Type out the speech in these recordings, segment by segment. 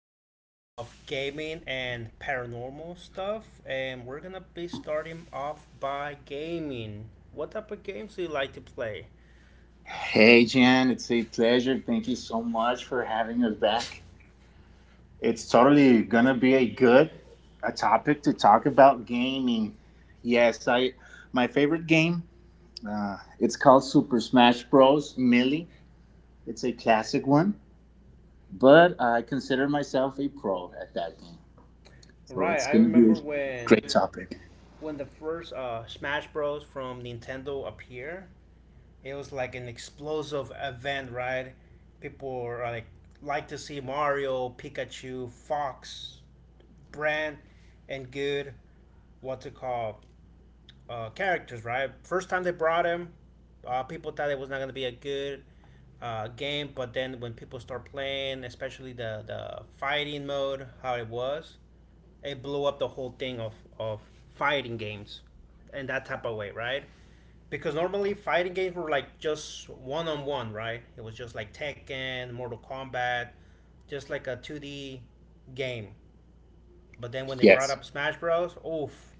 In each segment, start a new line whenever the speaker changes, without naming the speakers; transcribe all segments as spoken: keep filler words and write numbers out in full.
podcast of gaming and paranormal stuff. And we're gonna be starting off by gaming. What type of games do you like to play?
Hey, Jan, it's a pleasure. Thank you so much for having us back. It's totally gonna be a good a topic to talk about gaming. Yes, I my favorite game. Uh, it's called Super Smash Bros. Melee. It's a classic one, but I consider myself a pro at that game, so
Right.
it's
I
gonna be a
remember when
great topic.
when the first uh, Smash Bros. From Nintendo appeared. It was like an explosive event, right? People were, like like to see Mario, Pikachu, Fox, Brand, and good. What's it called? Uh, characters, right? First time they brought him, uh, people thought it was not going to be a good uh, game, but then when people start playing, especially the, the fighting mode, how it was, it blew up the whole thing of, of fighting games in that type of way, right? Because normally fighting games were like just one on one, right? It was just like Tekken, Mortal Kombat, just like a two D game, but then when they brought
Yes.
up Smash Bros, oof,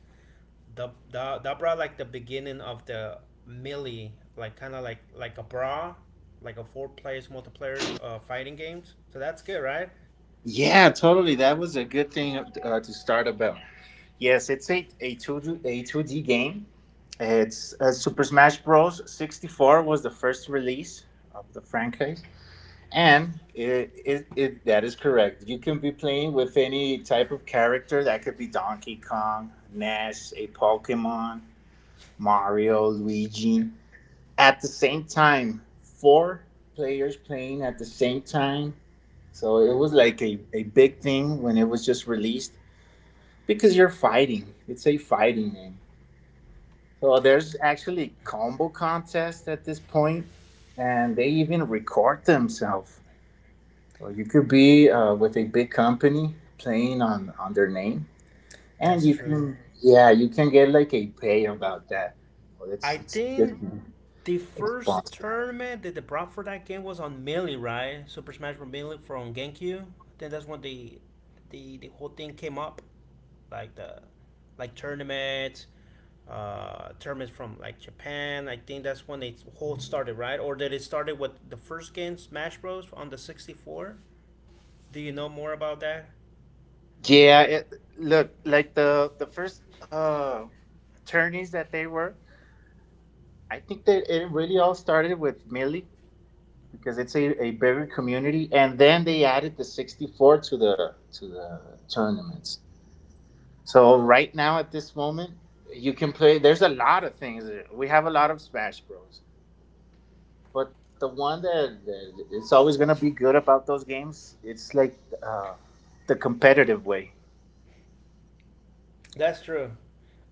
the, the that brought like the beginning of the melee, like kind of like like a brawl, like a four players multiplayer uh, fighting games. So that's good, right?
Yeah, totally. That was a good thing uh, to start about. Yes, it's a, a, 2 A a two D game. It's uh, Super Smash Bros. sixty four was the first release of the franchise, and it, it, it that is correct. You can be playing with any type of character. That could be Donkey Kong, Nash, a Pokemon, Mario, Luigi. At the same time, four players playing at the same time, so it was like a, a big thing when it was just released because you're fighting. It's a fighting game. So there's actually combo contests at this point, and they even record themselves. So you could be uh, with a big company playing on, on their name, and
That's
you
true.
can, yeah, you can get like a pay about that. Well, it's
I
it's good
think
thing.
the
It's
first
sponsor.
tournament that they brought for that game was on Melee, right? Super Smash Bros. Melee from GameCube. Then that's when the the the whole thing came up, like the like tournaments, uh, tournaments from like Japan. I think that's when it whole started, right? Or did it started with the first game Smash Bros. On the sixty four? Do you know more about that?
Yeah, it look like the the first uh, tourneys that they were. I think that it really all started with Millie because it's a, a bigger community, and then they added the sixty four to the to the tournaments. So right now at this moment, you can play. There's a lot of things. We have a lot of Smash Bros. But the one that, that it's always gonna be good about those games, it's like uh, the competitive way.
That's true.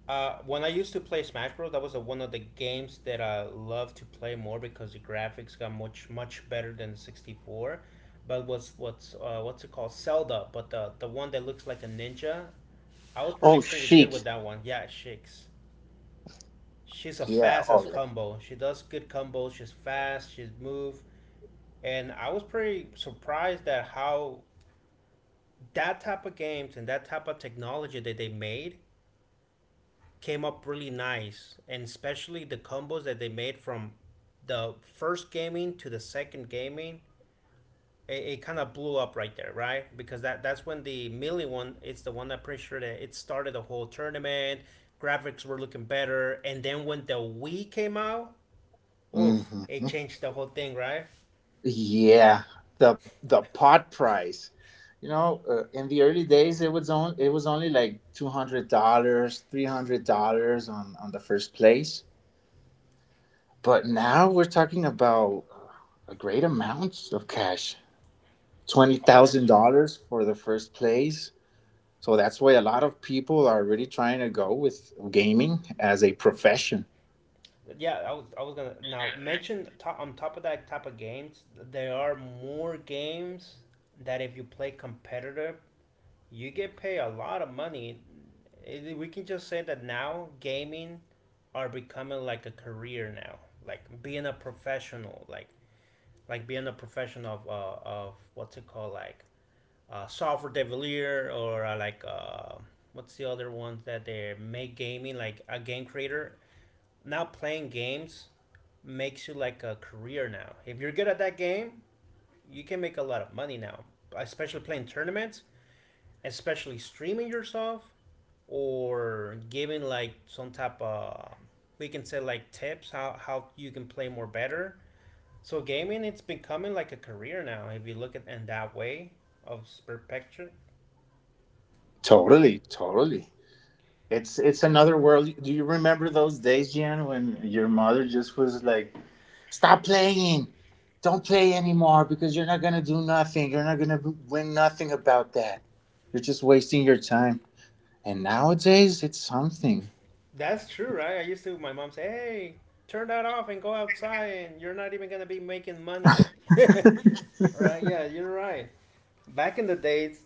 Uh, when I used to play Smash Bros, that was a, one of the games that I loved to play more because the graphics got much much better than the sixty four. But was what's uh, what's it called Zelda? But the the one that looks like a ninja, I was really
Oh,
pretty good with
chic.
that one. Yeah, Shakes. She's a
Yeah.
fast
Oh,
as
yeah.
combo. She does good combos. She's fast. She's move. And I was pretty surprised at how that type of games and that type of technology that they made came up really nice, and especially the combos that they made from the first gaming to the second gaming. It, it kind of blew up right there, right? Because that that's when the melee one. It's the one that I'm pretty sure that it started the whole tournament. Graphics were looking better, and then when the Wii came out, oof,
Mm-hmm.
it changed the whole thing, right?
Yeah, the the pot price. You know, uh, in the early days, it was on, it was only like two hundred dollars, three hundred dollars on on the first place. But now we're talking about a great amount of cash, twenty
Oh, that's
thousand
true.
dollars for the first place. So that's why a lot of people are really trying to go with gaming as a profession.
Yeah, I was I was gonna now mention top, on top of that type of games, there are more games that if you play competitive you get paid a lot of money. It- We can just say that now gaming are becoming like a career now, like being a professional, like like being a professional of uh, of what's it called, like uh, software developer or uh, like uh, what's the other ones that they make gaming like a game creator. Now playing games makes you like a career now. If you're good at that game, you can make a lot of money now, especially playing tournaments, especially streaming yourself or giving like some type of we can say like tips how how you can play more better. So gaming it's becoming like a career now if you look at in that way of perspective.
Totally, totally. It's it's another world. Do you remember those days, Jan, when your mother just was like, stop playing. Don't play anymore because you're not going to do nothing. You're not going to win nothing about that. You're just wasting your time. And nowadays, it's something.
That's true, right? I used to my mom say, "Hey, turn that off and go outside and you're not even going to be making money." Right? Yeah, you're right. Back in the days,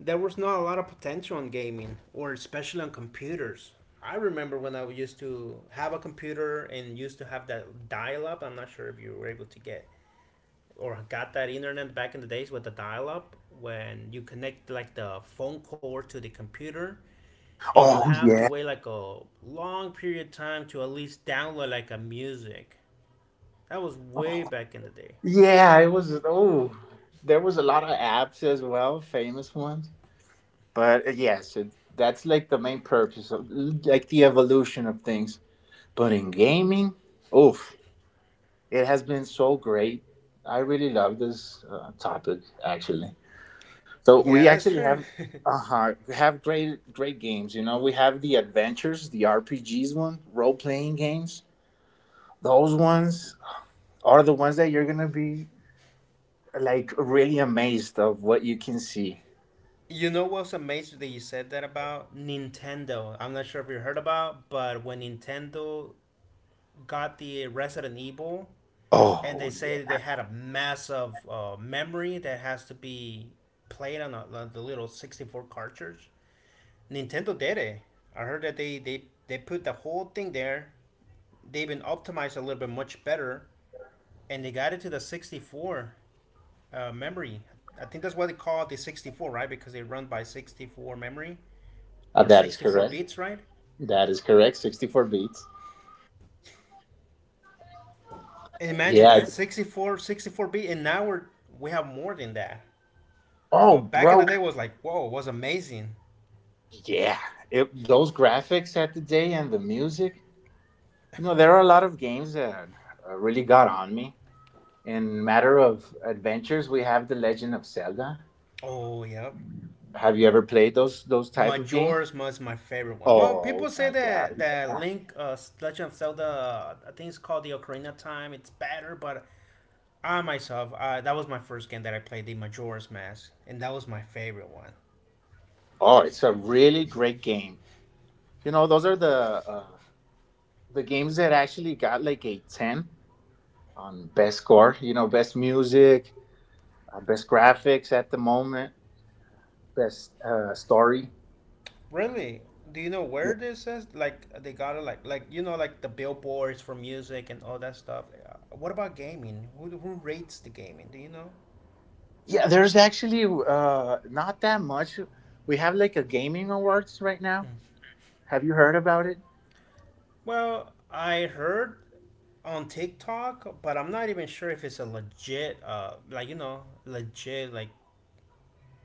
there was not a lot of potential on gaming, or especially on computers. I remember when I used to have a computer and used to have that dial-up. I'm not sure if you were able to get or got that internet back in the days with the dial-up when you connect like the phone cord to the computer and you
Oh,
have to
yeah.
wait like a long period of time to at least download like a music. That was way back in the day.
Yeah, it was. Oh, there was a lot of apps as well, famous ones. But uh, yes, it, that's like the main purpose of like the evolution of things. But in gaming, oof, it has been so great. I really love this uh, topic, actually. So we
Yeah, that's
actually
true.
have, uh-huh, we have great great games. You know, we have the adventures, the R P Gs one, role playing games. Those ones are the ones that you're gonna be like really amazed of what you can see.
You know what's amazing that you said that about Nintendo? I'm not sure if you heard about, but when Nintendo got the Resident Evil, and
Oh
they say
yeah.
they had a massive uh, memory that has to be played on a, the little sixty four cartridge. Nintendo did it. I heard that they, they, they put the whole thing there. They've been optimized a little bit much better, and they got it to the sixty four uh, memory. I think that's what they call the sixty four, right? Because they run by sixty four memory.
Uh,
Or
that is
sixty four
correct.
bits, right?
That is correct. Sixty four beats.
And imagine that
Yeah.
sixty-four, sixty-four sixty four bit, and now we're, we have more than that.
Oh,
But back in
bro.
the day was like, whoa, was amazing.
Yeah. It, those graphics at the day and the music. You know, there are a lot of games that uh, really got on me. In matter of adventures, we have The Legend of Zelda.
Oh, yeah.
Have you ever played those those type of game?
Majora's Mask my favorite one. Well, people
Oh
say
my
that
god!
that Link, uh, Legend of Zelda, uh, I think it's called the Ocarina of Time. It's better, but I myself, uh, that was my first game that I played, the Majora's Mask, and that was my favorite one.
Oh, it's a really great game. You know, those are the uh, the games that actually got like a ten on best score. You know, best music, uh, best graphics at the moment, best uh, story.
Really? Do you know
Yeah.
where this is? Like they got it, like like you know, like the billboards for music and all that stuff. Uh, What about gaming? Who who rates the gaming? Do you know?
Yeah, there's actually uh, not that much. We have like a gaming awards right now. Have you heard about it?
Well, I heard on TikTok, but I'm not even sure if it's a legit, uh, like you know, legit, like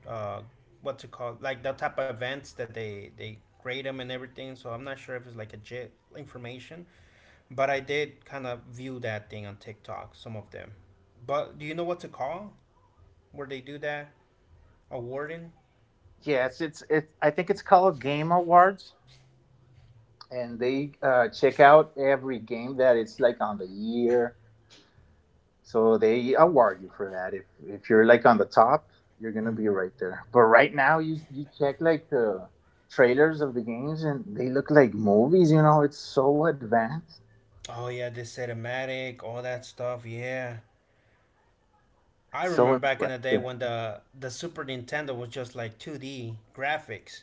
uh, what's it called, like the type of events that they they grade them and everything. So I'm not sure if it's like legit information, but I did kind of view that thing on TikTok, some of them. But do you know what to call? Where they do that? A warden?
Yes, it's it's. I think it's called Game Awards, and they uh, check out every game that it's like on the year. So they award you for that. If if you're like on the top, you're gonna be right there. But right now, you you check like the trailers of the games, and they look like movies. You know, it's so advanced.
Oh yeah, the cinematic, all that stuff. Yeah, I
It's so
remember back in the day
impressive.
when the the Super Nintendo was just like two D graphics,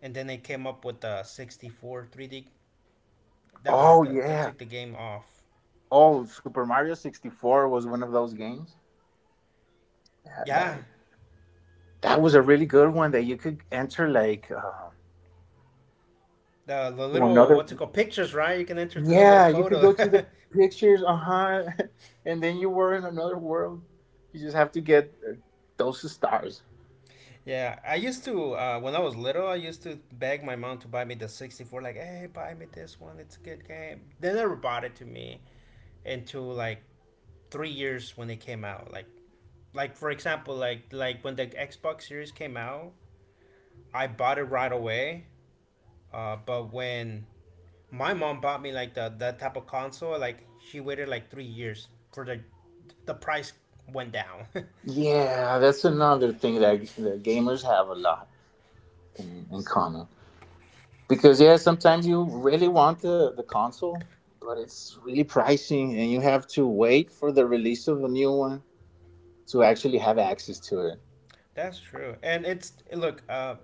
and then they came up with the sixty four three D. That whole
Oh
that, that
yeah.
took the game off.
Oh, Super Mario sixty four was one of those games. That that
Yeah,
that was a really good one that you could enter like. Uh,
the the
to
little
another
what's it called pictures, right? You can enter to the little
Yeah, you could
photo.
go to the pictures, uh-huh, and then you were in another world. You just have to get uh, those stars.
Yeah, I used to uh, when I was little, I used to beg my mom to buy me the sixty four. Like, hey, buy me this one. It's a good game. They never bought it to me until like three years when they came out. Like like for example, like like when the Xbox Series came out, I bought it right away. Uh, but when my mom bought me like the that type of console, like she waited like three years for the the price went down.
Yeah, that's another thing that, that gamers have a lot in, in common. Because yeah, sometimes you really want the, the console, but it's really pricey and you have to wait for the release of a new one to actually have access to it.
That's true, and it's look. Uh,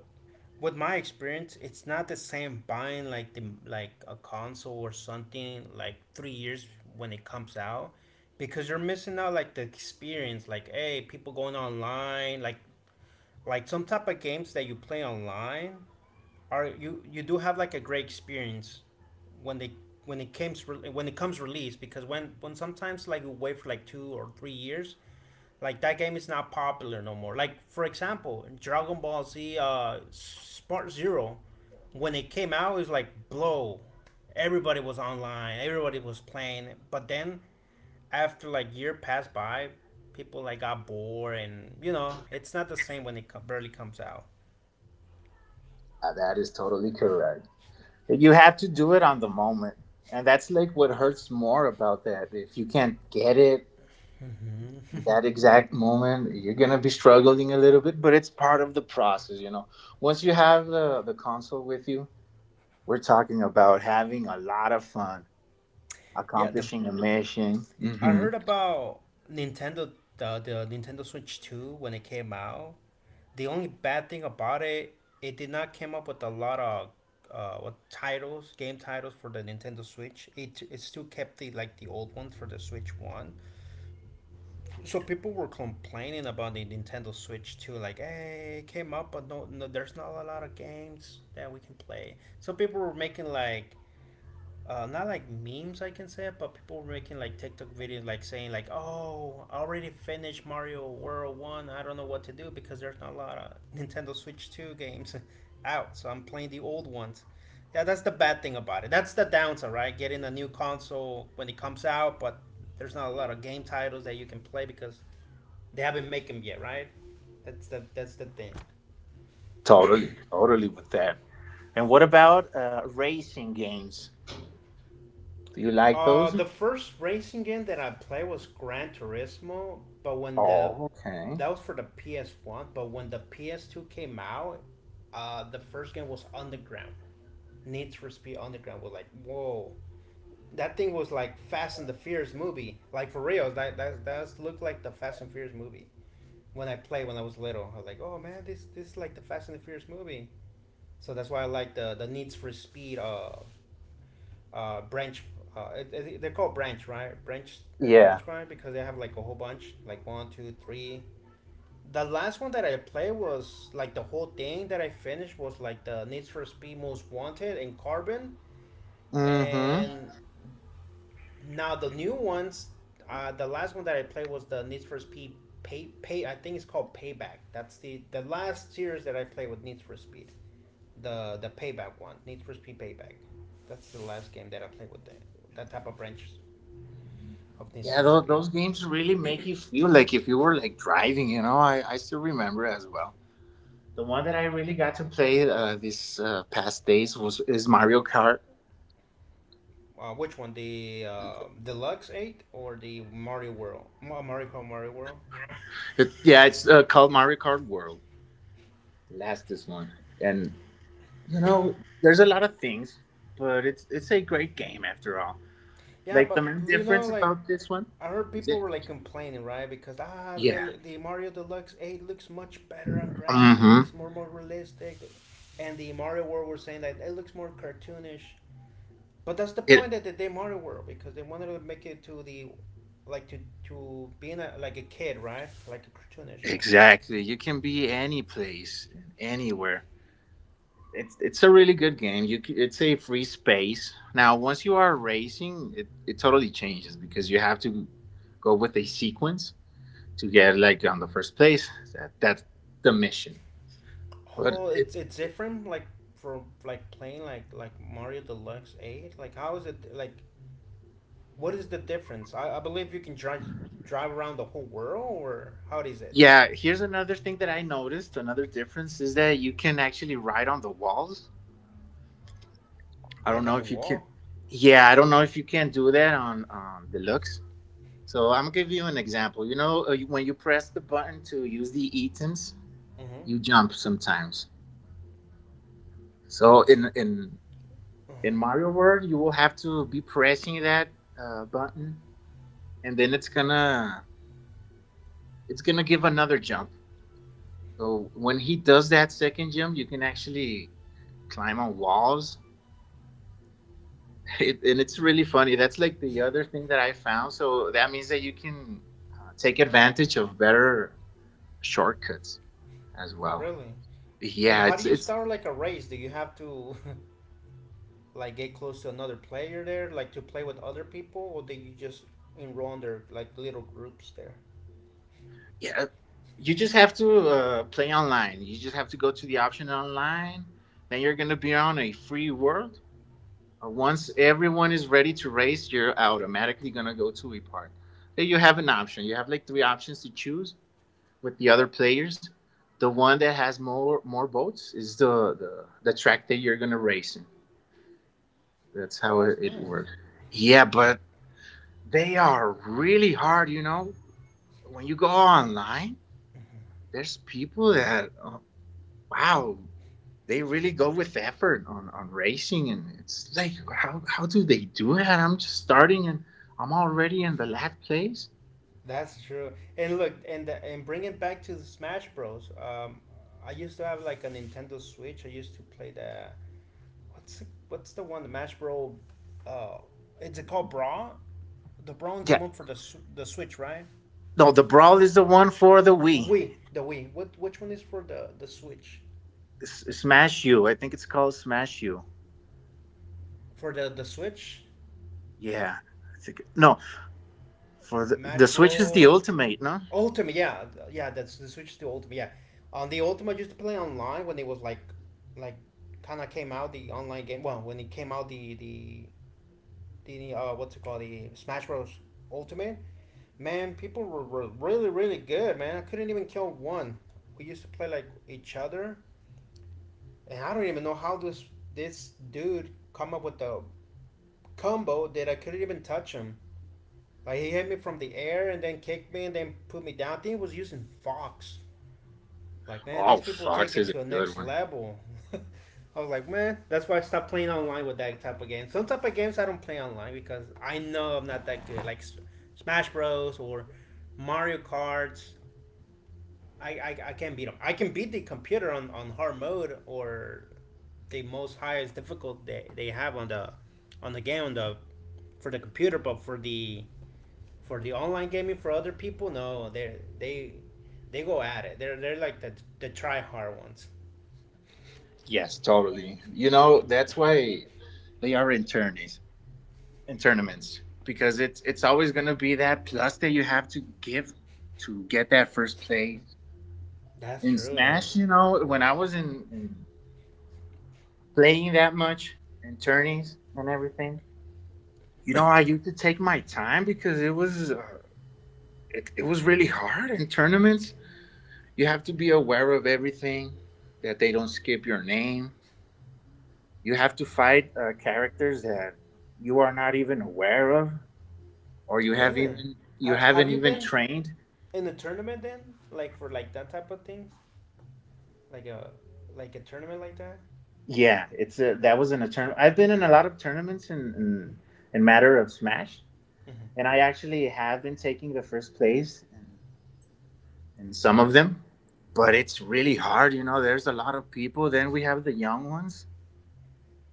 with my experience, it's not the same buying like the like a console or something like three years when it comes out, because you're missing out like the experience. Like, hey, people going online, like like some type of games that you play online are you you do have like a great experience when they when it comes re- when it comes release because when when sometimes like you wait for like two or three years like that game is not popular no more. Like for example, Dragon Ball Z uh Spark Zero, when it came out, it was like blow. Everybody was online, everybody was playing. But then after like year passed by, people like got bored, and you know it's not the same when it co- barely comes out.
Uh, that is totally correct. You have to do it on the moment. And that's like what hurts more about that. If you can't get it in that exact moment, you're gonna be struggling a little bit, but it's part of the process. You know, once you have the the console with you, we're talking about having a lot of fun,
Yeah, the
accomplishing a mission.
I
Hmm,
heard about Nintendo the, the Nintendo Switch two when it came out. The only bad thing about it, it did not came up with a lot of uh, what titles, game titles for the Nintendo Switch. It, it still kept the like the old ones for the Switch one. So people were complaining about the Nintendo Switch two like, "Hey, it came up but no, no there's not a lot of games that we can play." So people were making like uh, not like memes I can say, it, but people were making like TikTok videos like saying like, "Oh, I already finished Mario World One. I don't know what to do because there's not a lot of Nintendo Switch Two games out, so I'm playing the old ones." Yeah, that's the bad thing about it. That's the downside, right? Getting a new console when it comes out, but there's not a lot of game titles that you can play because they haven't made them yet, right? That's the that's the thing.
totally totally with that. And what about uh, racing games, do you like
Uh,
those?
the first racing game that I played was Gran Turismo, but when the
Oh okay.
that was for the P S one, but when the P S two came out, uh, the first game was Underground. Need for Speed Underground was like, whoa, that thing was like Fast and the Furious movie, like for real. That that that looked like the Fast and Furious movie. When I played when I was little, I was like, oh man, this this is like the Fast and the Furious movie. So that's why I like the the Need for Speed uh uh, branch. Uh, I- they're called branch, right? Branch,
Yeah.
branch mine because they have like a whole bunch, like one, two, three. The last one that I played, was like the whole thing that I finished, was like the Need for Speed Most Wanted and Carbon,
Mm-hmm.
and now the new ones. Uh, the last one that I played was the Need for Speed Pay Pay. I think it's called Payback. That's the the last series that I played with Need for Speed. The the Payback one, Need for Speed Payback. That's the last game that I played with that that type of branch of Need
Yeah,
for
those,
Speed.
those games really make you feel like if you were like driving. You know, i i still remember as well. The one that I really got to play uh, this uh, past days was is Mario Kart.
Uh, which one, the uh, Deluxe Eight or the Mario World? Mario Kart Mario World.
It, yeah, it's uh, called Mario Kart World. The lastest one, and you know, there's a lot of things, but it's it's a great game after all.
Yeah,
Like the
but
main
you know,
difference
like
about this one
I heard
is
people
that,
were like complaining, right? Because ah,
yeah,
the- the Mario Deluxe Eight looks much better on
mm-hmm.
graphics, more more realistic, and the Mario World were saying that it looks more cartoonish. But that's the point
It
that they did Mario World because they wanted to make it to the like to to being a, like a kid, right? Like a cartoonish one.
exactly. You can be any place, and anywhere. it's it's a really good game. You c- it's a free space. Now, once you are racing, it it totally changes because you have to go with a sequence to get like on the first place. That that's the mission. But
Oh,
it,
it's it's different, like from like playing like like Mario Deluxe Eight. Like, how is it? Like, what is the difference? I, I believe you can drive drive around the whole world, or how is it?
yeah, here's another thing that I noticed. Another difference is that you can actually ride on the walls. I don't
Like
know
on the
if you can.
wall.
Yeah, I don't know if you can do that on um, deluxe. So I'm gonna give you an example. You know, uh, you- when you press the button to use the items,
Mm-hmm.
you jump sometimes. So in in in
Mm-hmm.
Mario World, you will have to be pressing that uh, button, and then it's gonna it's gonna give another jump. So when he does that second jump, you can actually climb on walls, it, and it's really funny. That's like the other thing that I found. So that means that you can uh, take advantage of better shortcuts as well.
Really? And
Yeah,
how do
it's
you
it's
start like a race? Do you have to like get close to another player there, like to play with other people, or do you just enroll in their like little groups there?
Yeah, you just have to uh, play online. You just have to go to the option online, then you're going to be on a free world. Uh, once everyone is ready to race, you're automatically going to go to a part, then you have an option. You have like three options to choose with the other players. The one that has more more boats is the the, the track that you're going to race in. That's
Oh,
how it,
that's
it
nice.
works. Yeah, but they are really hard, you know. When you go online, there's people that uh, wow, they really go with effort on, on racing. And it's like, how, how do they do that? I'm just starting and I'm already in the last place.
That's true. And look, and the, and bring it back to the Smash Bros. Um, I used to have like a Nintendo Switch. I used to play the what's the, what's the one the Smash Bros. Uh, is it called Bra? The Brawl is the
Yeah.
one for the s- the Switch, right?
No, the Brawl is the one for the Wii.
Wii, the Wii. What, which one is for the the Switch?
S- Smash U. I think it's called Smash U.
For the the Switch,
Yeah. I think, no, for the, the
Smash
Switch is the
Bros.
Ultimate, no?
Ultima, yeah, yeah, that's the Switch to Ultima, yeah. On the Ultima, I used to play online when it was like, like, kind of came out the online game. Well, when it came out the the the uh what's it called, the Smash Bros Ultimate, man, people were, were really really good, man. I couldn't even kill one. We used to play like each other, and I don't even know how this this dude come up with the combo that I couldn't even touch him. Like he hit me from the air and then kicked me and then put me down. I think he was using Fox. Like man, these
Oh,
people take
Fox
it
is a
to a
good
next
one.
level. I was like, man, that's why I stopped playing online with that type of game. Some type of games I don't play online because I know I'm not that good. Like S- Smash Bros or Mario Karts, I, I, I can't beat them. I can beat the computer on, on hard mode or the most highest difficult they, they have on the on the game on the for the computer, but for the for the online gaming, for other people, no, they they they go at it. They're they're like the the try hard ones.
Yes, totally. You know, that's why they are internies. In tournaments, because it's it's always going to be that plus that you have to give to get that first place
That's
in
true. And
Smash. You know, when I was in, in playing that much in tourneys and everything, you know, I used to take my time because it was uh, it, it was really hard in tournaments. You have to be aware of everything, that they don't skip your name. You have to fight uh, characters that you are not even aware of, or you have
really,
even you
ha- have
haven't
you
even
been
trained.
in a tournament then? Like for like that type of things, like a like a tournament like that.
Yeah, it's a, that was in a tournament. I've been in a lot of tournaments in, in in matter of Smash,
Mm-hmm.
and I actually have been taking the first place in, in some of them. But it's really hard, you know. There's a lot of people. Then we have the young ones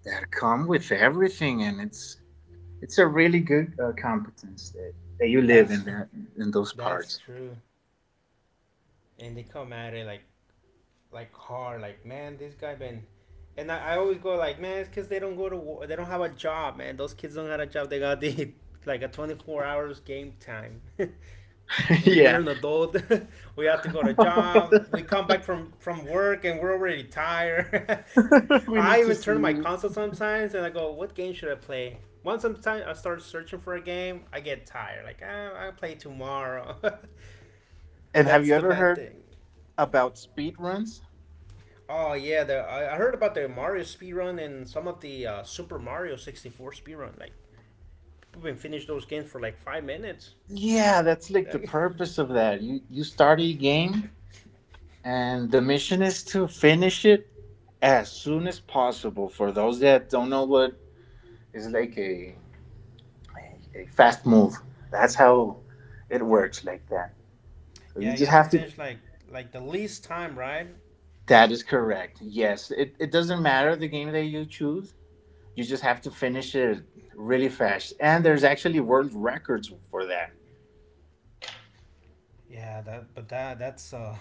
that come with everything, and it's it's a really good uh, competence that, that you live
That's
in that, in those
that's
parts.
true. And they come at it like like hard. Like man, this guy been. And I, I always go like, man, it's because they don't go to war. They don't have a job, man. Those kids don't have a job. They got the like a twenty-four hours game time. And we're
yeah,
an adult. We have to go to job. We come back from from work and we're already tired.
we
I
need to
even
see.
turn my
You.
console sometimes and I go, "What game should I play?" Once sometimes I start searching for a game, I get tired. Like, ah, "I'll play tomorrow."
And have
That's
you
the
ever
bad
heard
thing.
about speed runs?
Oh yeah, the, I I heard about the Mario speedrun and some of the uh, Super Mario sixty-four speedrun. Like, people can finish those games for like five minutes.
Yeah, that's like the
Like,
purpose of that. You you start a game and the mission is to finish it as soon as possible. For those that don't know, what is like a a fast move. That's how it works like that. So you
yeah, you
just
have to
have to.
finish like like the least time, right?
That is correct. Yes. It it doesn't matter the game that you choose. You just have to finish it really fast. And there's actually world records for that.
Yeah, that but that that's uh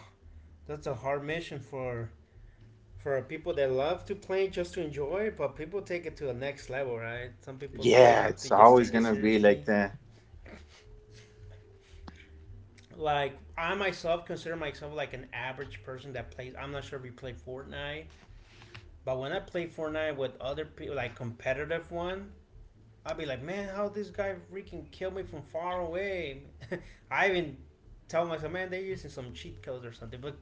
that's a hard mission for for people that love to play just to enjoy, but people take it to a next level, right? Some people do
Yeah,
have to
it's
just
always
take it
gonna be like
seriously.
that.
Like I myself consider myself like an average person that plays. I'm not sure if you play Fortnite, but when I play Fortnite with other people, like competitive one, I'll be like, man, how this guy freaking killed me from far away. I even tell myself, man, they're using some cheat codes or something. But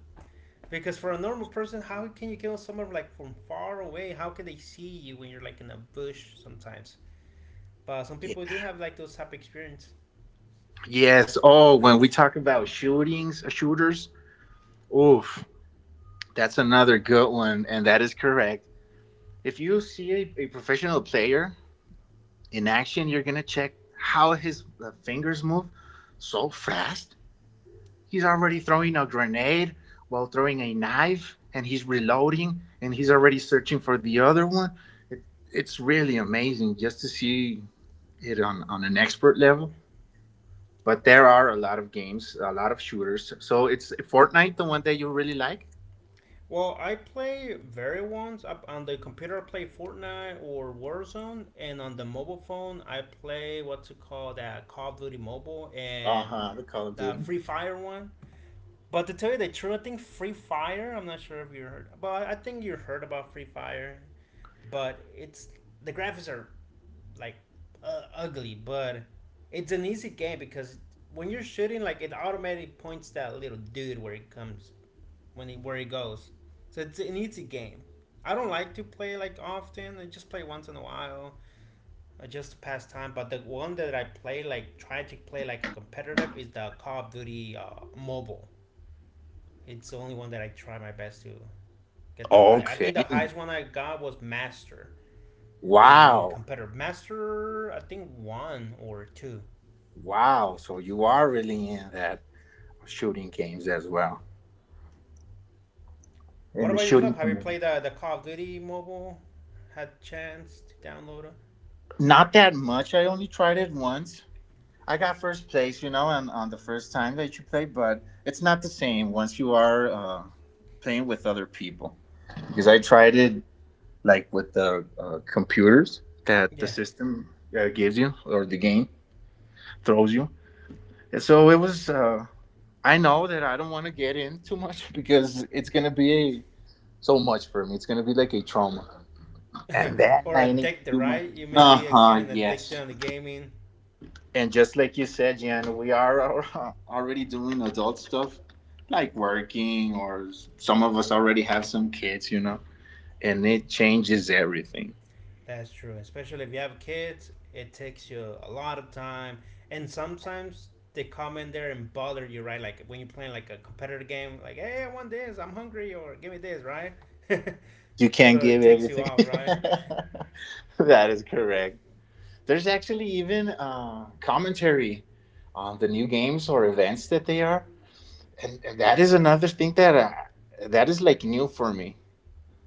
because for a normal person, how can you kill someone like from far away? How can they see you when you're like in a bush sometimes? But some people do have like those type of experience.
Yes. Oh, when we talk about shootings, uh, shooters, oof, that's another good one, and that is correct. If you see a, a professional player in action, you're gonna check how his uh, fingers move so fast. He's already throwing a grenade while throwing a knife, and he's reloading, and he's already searching for the other one. It, it's really amazing just to see it on, on an expert level. But there are a lot of games, a lot of shooters. So it's Fortnite, the one that you really like?
Well, I play very ones up on the computer. I play Fortnite or Warzone, and on the mobile phone, I play what's it called that Call of Duty Mobile
Uh
and
huh, the Call of
the
Duty.
Free Fire one. But to tell you the truth, I think Free Fire. I'm not sure if you heard, but I think you heard about Free Fire. But it's the graphics are like uh, ugly, but it's an easy game because when you're shooting, like it automatically points that little dude where it comes, when it where it goes. So it's an easy game. I don't like to play like often. I just play once in a while, uh, just to pass time. But the one that I play, like try to play like a competitive, is the Call of Duty uh, mobile. It's the only one that I try my best to get the high. I
Okay.
think the highest one I got was Master on the
Wow.
competitor. Master, I think one or two.
Wow. So you are really in that shooting games as well. In
What
the
about yourself?
shooting
Have you
community.
played the, the Call of Duty mobile? Had a chance to download it?
Not that much. I only tried it once. I got first place, you know, on, on the first time that you play, but it's not the same once you are uh, playing with other people. Because I tried it like with the uh, computers that the
Yeah.
system uh, gives you or the game throws you. And so it was. Uh, I know that I don't want to get in too much because it's gonna be a, so much for me. It's gonna be like a trauma. And then
Or
I need to
addicted,
do my.
right? You may
Uh
be uh,
huh.
getting addicted
Yes.
on the gaming.
And just like you said, Jan, we are already doing adult stuff, like working, or some of us already have some kids, you know. And it changes everything.
That's true. Especially if you have kids, it takes you a lot of time. And sometimes they come in there and bother you, right? Like when you're playing like a competitive game, like, hey, I want this, I'm hungry, or give me this, right?
You can't
So it
give
takes you
everything.
out, right?
That is correct. There's actually even uh, commentary on the new games or events that they are, and, and that is another thing that uh, that is like new for me.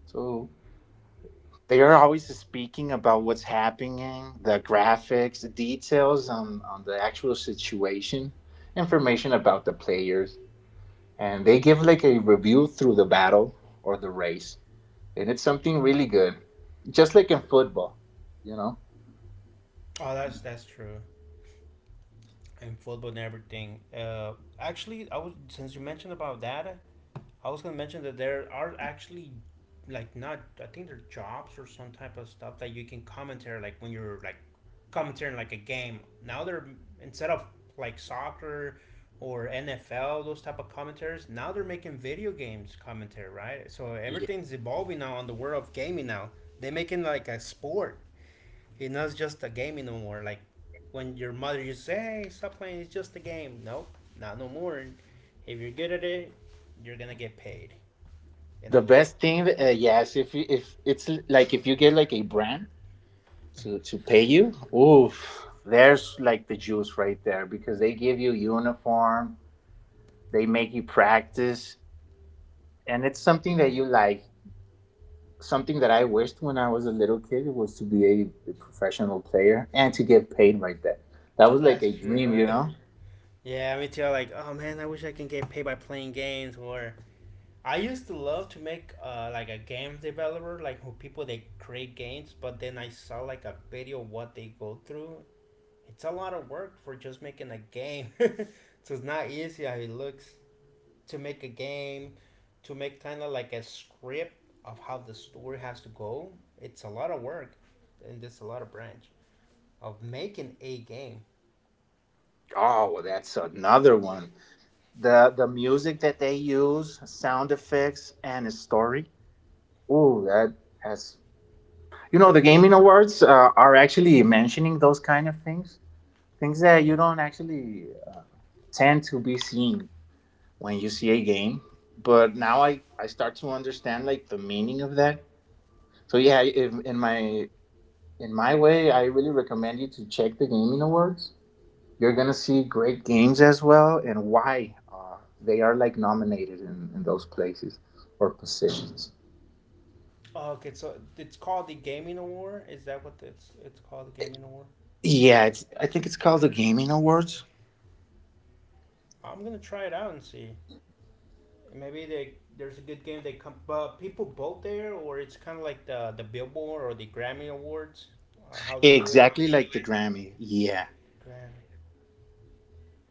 So they are always speaking about what's happening, the graphics, the details on on the actual situation, information about the players, and they give like a review through the battle or the race. And it's something really good. Just like in football, you know.
Oh, that's that's true. And football and everything. Uh, actually, I was since you mentioned about that, I was gonna mention that there are actually like not I think they're jobs or some type of stuff that you can commentary like when you're like commentating like a game. Now they're instead of like soccer or N F L those type of commentaries, now they're making video games commentary, right? So
Yeah.
everything's evolving now on the world of gaming now. They're making like a sport. It's not just a gaming no more. Like when your mother used to say, hey, stop playing, it's just a game. Nope, not no more. If you're good at it, you're gonna get paid
The
in a
best
lot.
thing, uh, yes, if you if it's like if you get like a brand to to pay you, oof, there's like the juice right there because they give you uniform, they make you practice, and it's something that you like. Something that I wished when I was a little kid was to be a, a professional player and to get paid like that. That was like
That's
a
true,
dream, you
right?
know.
Yeah, me too. Like, oh man, I wish I can get paid by playing games. Or I used to love to make uh, like a game developer, like who people they create games. But then I saw like a video what they go through. It's a lot of work for just making a game. So it's not easy how it looks to make a game, to make kind of like a script of how the story has to go. It's a lot of work, and there's a lot of branch of making a game.
Oh, that's another one. the the music that they use, sound effects, and a story. Ooh, that has, you know, the gaming awards uh, are actually mentioning those kind of things, things that you don't actually uh, tend to be seeing when you see a game. But now I I start to understand like the meaning of that. So yeah, if, in my in my way, I really recommend you to check the gaming awards. You're gonna see great games as well, and why uh, they are like nominated in, in those places or positions.
Oh, okay, so it's called the Gaming Award. Is that what it's it's called? The Gaming Award.
Yeah, it's, I think it's called the Gaming Awards.
I'm gonna try it out and see. Maybe they there's a good game they come, but people vote there, or it's kind of like the the Billboard or the Grammy Awards, uh, how they do it.
Exactly like the Grammy. Yeah,
Grammy.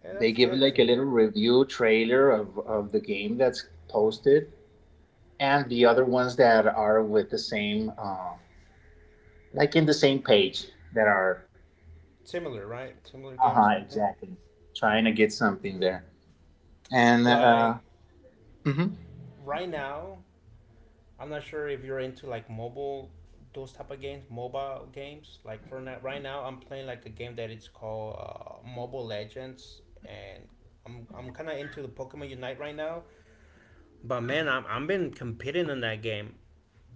Yeah,
they
that's
give
good.
like a
Too.
little review trailer of of the game that's posted, and the other ones that are with the same, uh, like in the same page that are.
Similar, right? Similar
Uh huh.
games like that.
Exactly. Trying to get something there, and uh,
Like
Mhm.
right now, I'm not sure if you're into like mobile those type of games, mobile games. Like for now, right now, I'm playing like a game that it's called uh, Mobile Legends, and I'm I'm kind of into the Pokemon Unite right now. But man, I'm I'm been competing in that game.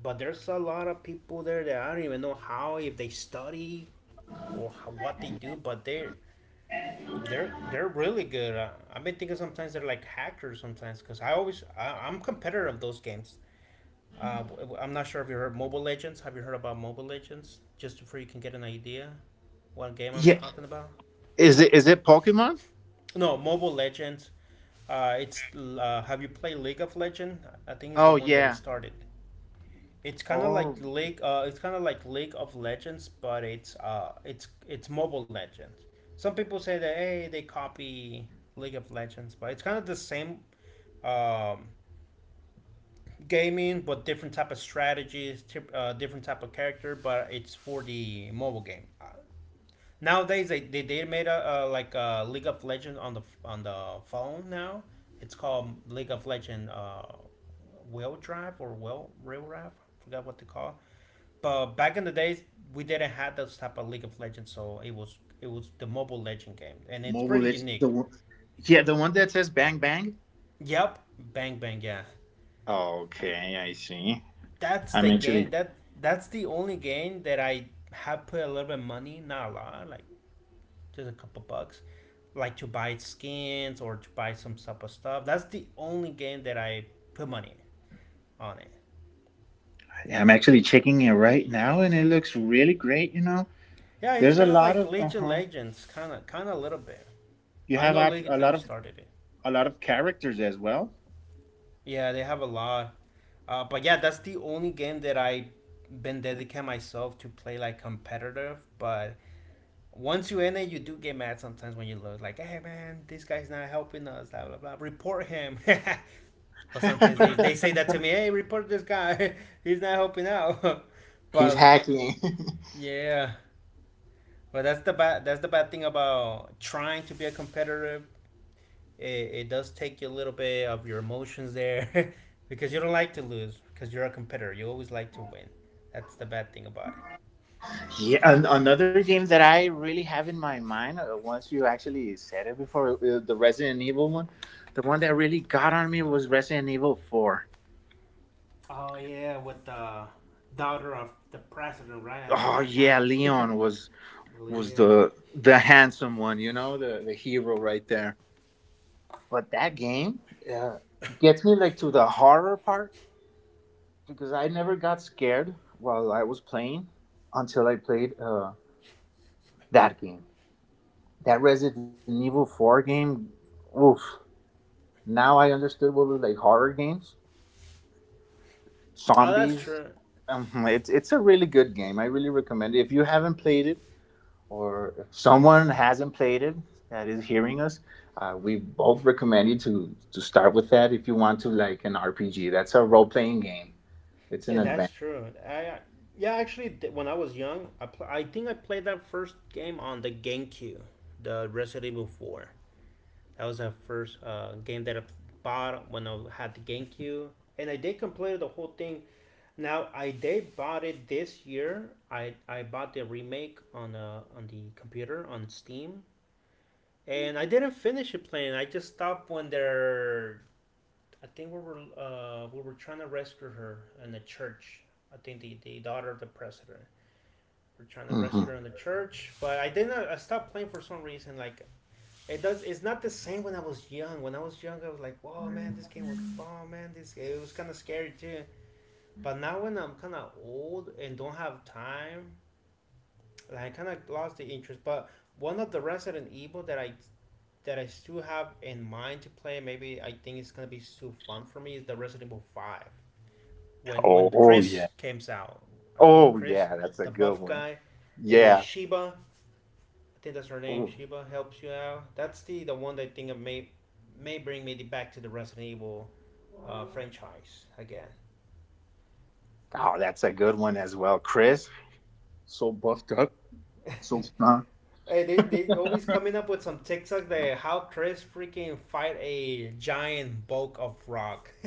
But there's a lot of people there that I don't even know how if they study or how, what they do, but they're they're they're really good. Uh, I've been thinking sometimes they're like hackers sometimes because I always I, I'm competitor of those games. Uh, w- w- I'm not sure if you heard Mobile Legends. Have you heard about Mobile Legends? Just before you can get an idea what game I'm
Yeah,
talking about.
is it is it Pokemon?
No, Mobile Legends. Uh, it's uh, Have you played League of Legends? I think it's
Oh
the one that
yeah.
it started. It's kind of
Oh,
like League. Uh, it's kind of like League of Legends, but it's uh, it's it's Mobile Legends. Some people say that hey, they copy League of Legends, but it's kind of the same um, gaming, but different type of strategies, uh, different type of character, but it's for the mobile game. Uh, nowadays, they, they, they made a uh, like a League of Legends on the on the phone now. It's called League of Legends uh, Wheel Drive or Wheel Rail Drive. I forgot what to call it. But back in the days, we didn't have those type of League of Legends, so it was it was the mobile legend game, and it's
mobile
pretty
Leg- the
unique.
one- yeah, the one that says bang bang.
Yep, bang bang, yeah.
Okay, I see.
That's the
I'm
game
actually
that that's the only game that I have put a little bit of money, not a lot, like just a couple bucks, like to buy skins or to buy some type of stuff. That's the only game that I put money on it.
I'm actually checking it right now, and it looks really great. You know,
Yeah, it's
there's a
kind of
lot
like
of uh
League of
huh.
Legends, kind of, kind of a little bit.
You
I
have
know
op-
League of
a lot
Legends
of
started it.
a lot of characters as well.
Yeah, they have a lot, uh, but yeah, that's the only game that I been dedicated myself to play like competitive. But once you in it, you do get mad sometimes when you look like, hey man, this guy's not helping us, blah blah blah. Report him. Or sometimes they they say that to me, hey, report this guy, he's not helping out.
He's
but
hacking.
yeah, but that's the bad that's the bad thing about trying to be a competitor. It, it does take you a little bit of your emotions there, because you don't like to lose, because you're a competitor. You always like to win. That's the bad thing about it.
Yeah, an- another game that I really have in my mind. Uh, once you actually said it before, uh, the Resident Evil one. The one that really got on me was Resident Evil Four.
Oh yeah, with the daughter of the president, right? And at
Oh
that time.
yeah, Leon was was
Leah.
the the handsome one, you know, the the hero right there. But that game uh, gets me like to the horror part because I never got scared while I was playing until I played uh, that game. That Resident Evil Four game, oof. Now I understood what were like horror games,
Oh, that's
zombies.
true.
Um, it's it's a really good game. I really recommend it. If you haven't played it, or if someone hasn't played it that is hearing us, uh, we both recommend you to to start with that if you want to like an R P G. That's a role playing game. It's an
And that's
advanced.
true. I yeah, actually, when I was young, I pl- I think I played that first game on the GameCube, the Resident Evil Four. That was the first uh, game that I bought when I had the GameCube, and I did complete the whole thing. Now I did bought it this year. I I bought the remake on uh, on the computer on Steam, and I didn't finish it playing. I just stopped when their I think we were uh, we were trying to rescue her in the church. I think the, the daughter of the president. We're trying to
Hmm.
rescue her in the church, but I didn't. I stopped playing for some reason. Like it does. It's not the same when I was young. When I was young, I was like, "Whoa, man, this game was bomb, man. This it was kind of scary too." But now when I'm kind of old and don't have time, like I kind of lost the interest. But one of the Resident Evil that I that I still have in mind to play, maybe I think it's gonna be still fun for me is the Resident Evil Five. When
Oh,
when
oh yeah.
Chris came out. I think
Oh
Chris,
yeah, that's a
the
good
buff
one.
guy, and with
Yeah.
Sheba, I think that's her name.
Ooh.
Sheba helps you out. That's the the one that I think may may bring me back to the Resident Evil uh, franchise again.
Oh, that's a good one as well, Chris. So buffed up, so strong.
Hey, they they always coming up with some TikTok that how Chris freaking fight a giant bulk of rock.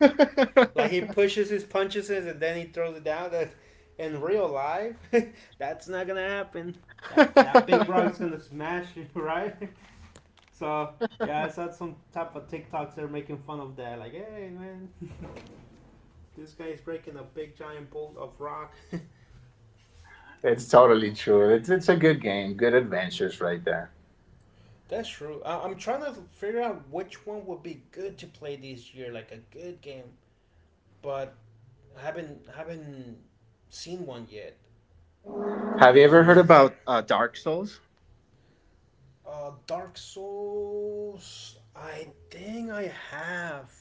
Like he pushes his punches and then he throws it down. That in real life, that's not gonna happen. That's that big rock's gonna smash you, right? So yeah, I saw some type of TikToks they're making fun of that. Like, hey man, this guy's breaking a big giant bolt of rock.
It's totally true. It's it's a good game. Good adventures right there.
That's true. I- I'm trying to figure out which one would be good to play this year, like a good game, but I haven't haven't seen one yet for
Have you
this
ever heard
year.
about uh, Dark Souls?
Uh, Dark Souls. I think I have.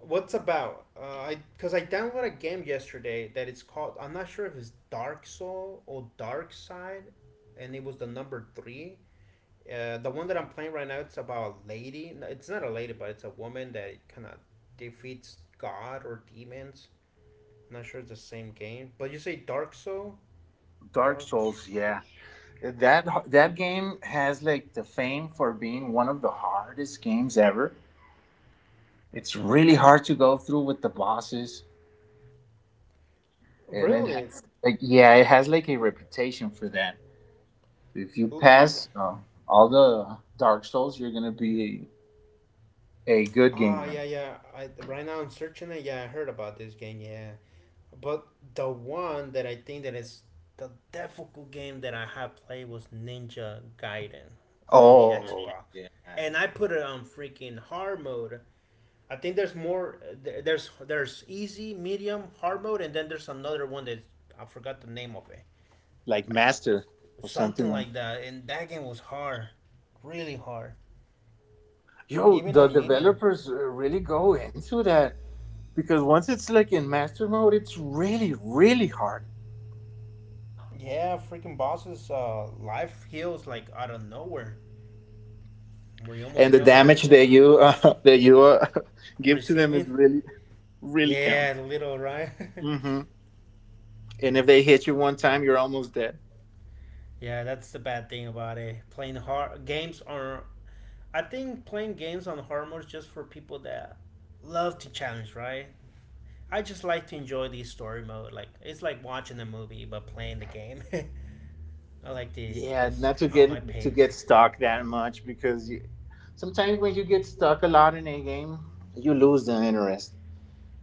What's about? Uh, I Because I downloaded a game yesterday that it's called. I'm not sure if it's Dark Soul or Dark Side, and it was the number three. Uh, the one that I'm playing right now, it's about a lady. No, it's not a lady, but it's a woman that kind of defeats God or demons. I'm not sure it's the same game, but you say Dark Soul,
Dark
Dark
Souls,
Soul.
yeah. That that game has like the fame for being one of the hardest games ever. It's really hard to go through with the bosses, and it
Really?
has like yeah, it has like a reputation for that. If you
L-
pass uh, all the Dark Souls, you're gonna be a, good
Ah,
gamer.
yeah, yeah. I right now I'm searching it. Yeah, I heard about this game. Yeah, but the one that I think that is the difficult game that I have played was Ninja Gaiden on the
Oh
Xbox,
yeah,
and I put it on freaking hard mode. I think there's more. there- There's there's easy, medium, hard mode, and then there's another one that I forgot the name of it.
like
Like
master or something
something
like.
like that. And that game was hard, really hard.
Yo,
Even
the
on medium,
developers uh, really go into that because once it's like in master mode, it's really really hard.
yeah, freaking bosses. Uh, life heals like out of nowhere. Where you
And
almost
the
kill him,
damage
like
that you uh, that you uh, give to them is
receiving.
really really count.
Yeah, a little right.
Hmm. And if they hit you one time, you're almost dead.
Yeah, that's the bad thing about it. Playing hard games on. I think playing games on hard mode is just for people that love to challenge, right? I just like to enjoy the story mode. Like it's like watching a movie but playing the game. I like to
Yeah,
just
not to
on my
get to
pace.
get stuck that much because you, sometimes when you get stuck a lot in a game, you lose the interest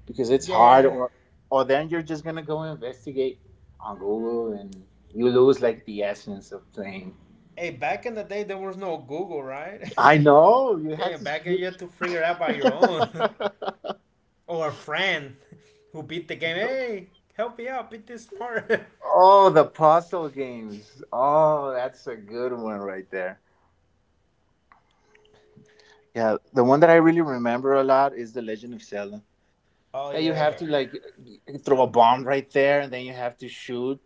because it's hard,
Yeah.
or or then you're just gonna go investigate on Google and you lose like the essence of playing.
Hey, back in the day there was no Google, right?
I know you had
Damn,
to.
back then you had to figure it out by
You...
your own. Or a friend who beat the game. Hey, help me out, beat this part.
Oh, the puzzle games. Oh, that's a good one right there. Yeah, the one that I really remember a lot is The Legend of Zelda. That
Oh,
you have
yeah.
to
That,
like throw a bomb right there, and then you have to shoot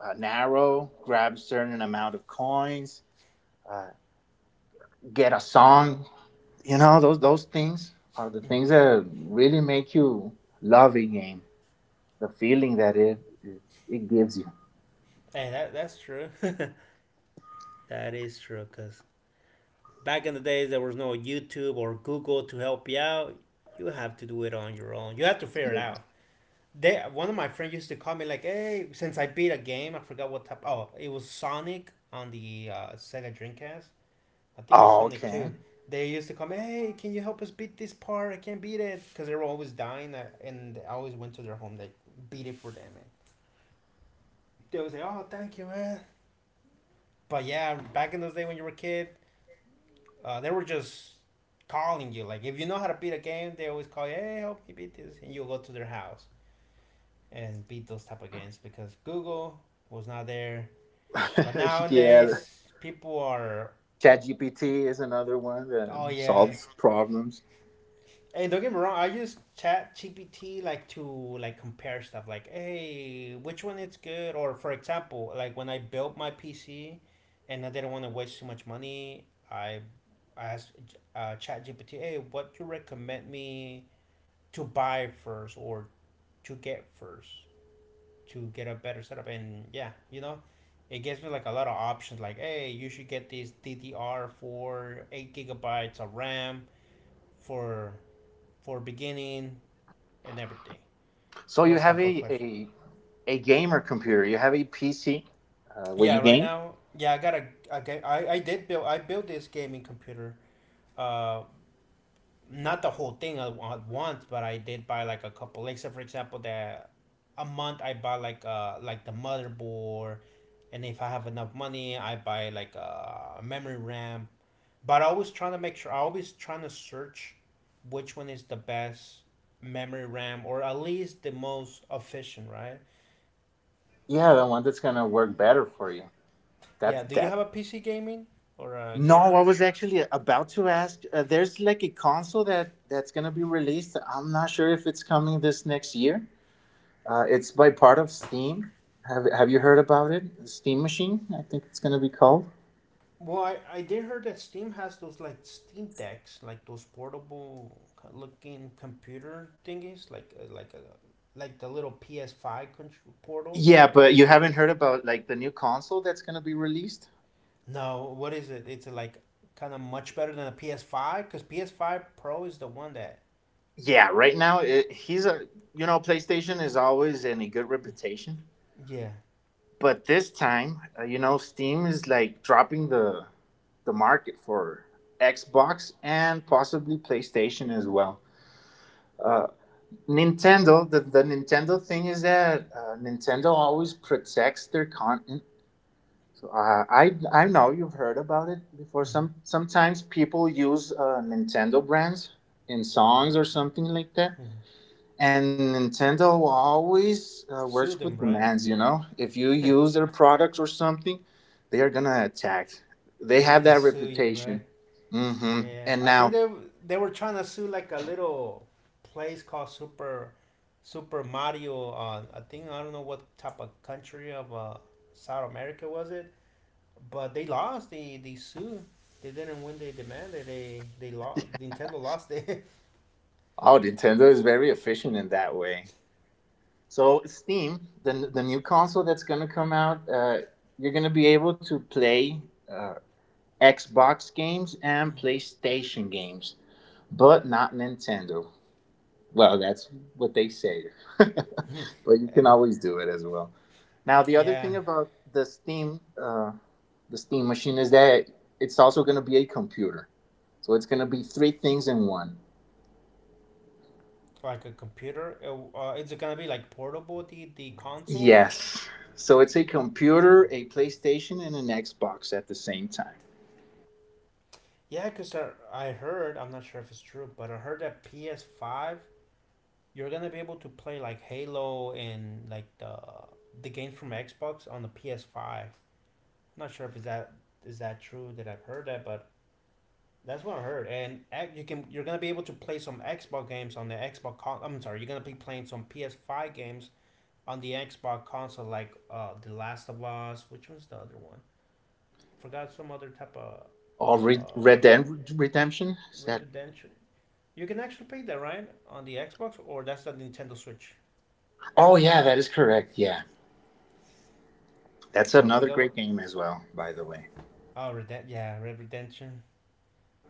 an arrow, grab a certain amount of coins, get a song. You know, those those things are the things that really make you love a game. The feeling that it it gives you.
hey, that, that's true. That is true, because back in the days there was no YouTube or Google to help you out. You have to do it on your own. You have to figure it out. They, one of my friends used to call me like, "Hey, since I beat a game, I forgot what type. Oh, it was Sonic on the uh, Sega Dreamcast. I think it was
Oh,
Sonic
okay.
two. They used to come, hey, can you help us beat this part? I can't beat it. Because they were always dying, uh, and I always went to their home. They beat it for them, man. They would say, oh, thank you, man. But yeah, back in those days when you were a kid, uh, they were just calling you. Like, if you know how to beat a game, they always call you, hey, help me beat this. And you go to their house and beat those type of games because Google was not there. But
Yeah,
nowadays, people are,
ChatGPT is another one that
oh yeah,
solves problems.
and don't get me wrong, I use Chat G P T like to like compare stuff. Like, hey, which one is good? Or for example, like when I built my P C, and I didn't want to waste too much money, I I asked uh, Chat G P T, hey, what do you recommend me to buy first or to get first to get a better setup? And yeah, you know, it gives me like a lot of options. Like, hey, you should get this D D R for eight gigabytes of RAM for for beginning and everything.
So you
Those
have
type of
a,
questions.
a, a gamer computer, you have a P C uh, where
Yeah,
you
right
game.
now, yeah, I got a, a ga- I, I did build I built this gaming computer. Uh, Not the whole thing at once, but I did buy like a couple. Except for example, that a month I buy like uh like the motherboard, and if I have enough money, I buy like a uh, memory RAM. But I always trying to make sure. I always trying to search which one is the best memory RAM or at least the most efficient, right?
Yeah, the one that's gonna work better for you. That
Yeah. Do you
that.
have a P C gaming or a
No, I
gamer?
was actually about to ask. Uh, there's like a console that that's gonna be released. I'm not sure if it's coming this next year. Uh, it's by part of Steam. Have Have you heard about it? Steam Machine, I think it's gonna be called.
Well, I, I did hear that Steam has those like Steam Decks, like those portable co- looking computer thingies, like uh, like a like the little P S five control portal.
Yeah, but you haven't heard about like the new console that's gonna be released.
No, what is it? It's like kind of much better than a P S five because P S five Pro is the one that
Yeah, right now it, he's a you know PlayStation is always in a good reputation,
yeah.
but this time uh, you know Steam is like dropping the the market for Xbox and possibly PlayStation as well. Uh, Nintendo, the, the Nintendo thing is that uh, Nintendo always protects their content. So, Uh, I I know you've heard about it before. Some
hmm
sometimes people use uh, Nintendo brands in songs or something like that. And Nintendo always uh,
Sue
works
them,
with
right?
demands, you know? If you use their products or something, they are gonna attack. They
They're
have
gonna
that
sue you, right?
reputation. Hmm.
Yeah,
And
I
now,
think they they were trying to sue like a little place called Super Super Mario. Uh, I think I don't know what type of country of uh, South America was it, but they lost. They they sued. They didn't win. They demanded. They they lost. Nintendo lost it.
oh, Nintendo is very efficient in that way. So, Steam, the, the new console that's gonna come out, uh, you're gonna be able to play uh, Xbox games and PlayStation games, but not Nintendo. Well, that's what they say. But you can
And,
always do it as well. Now, the other
yeah,
thing about the Steam, uh, the Steam machine is that it's also going to be a computer. So it's going to be three things in one.
like a computer. It, uh, is it gonna be like portable the the console?
Yes. So it's a computer, a PlayStation, and an Xbox at the same time.
Yeah, cause I, I heard. I'm not sure if it's true, but I heard that P S Five you're gonna be able to play like Halo and like the the games from Xbox on the P S five. I'm not sure if is that is that true that I've heard that, but that's what I heard. And you can you're gonna be able to play some Xbox games on the Xbox. Con- I'm sorry, you're gonna be playing some P S five games on the Xbox console, like uh, The Last of Us. Which was the other one? Forgot some other type of
Oh, Re-
uh,
Red Dead Redemption? Is that?
Redemption. You can actually play that right on the Xbox, or that's the Nintendo Switch.
Oh, yeah, that is correct. Yeah. That's
Well, I
another
forgot what.
great game as well, by the way.
Oh, Reden- yeah, Red Redemption.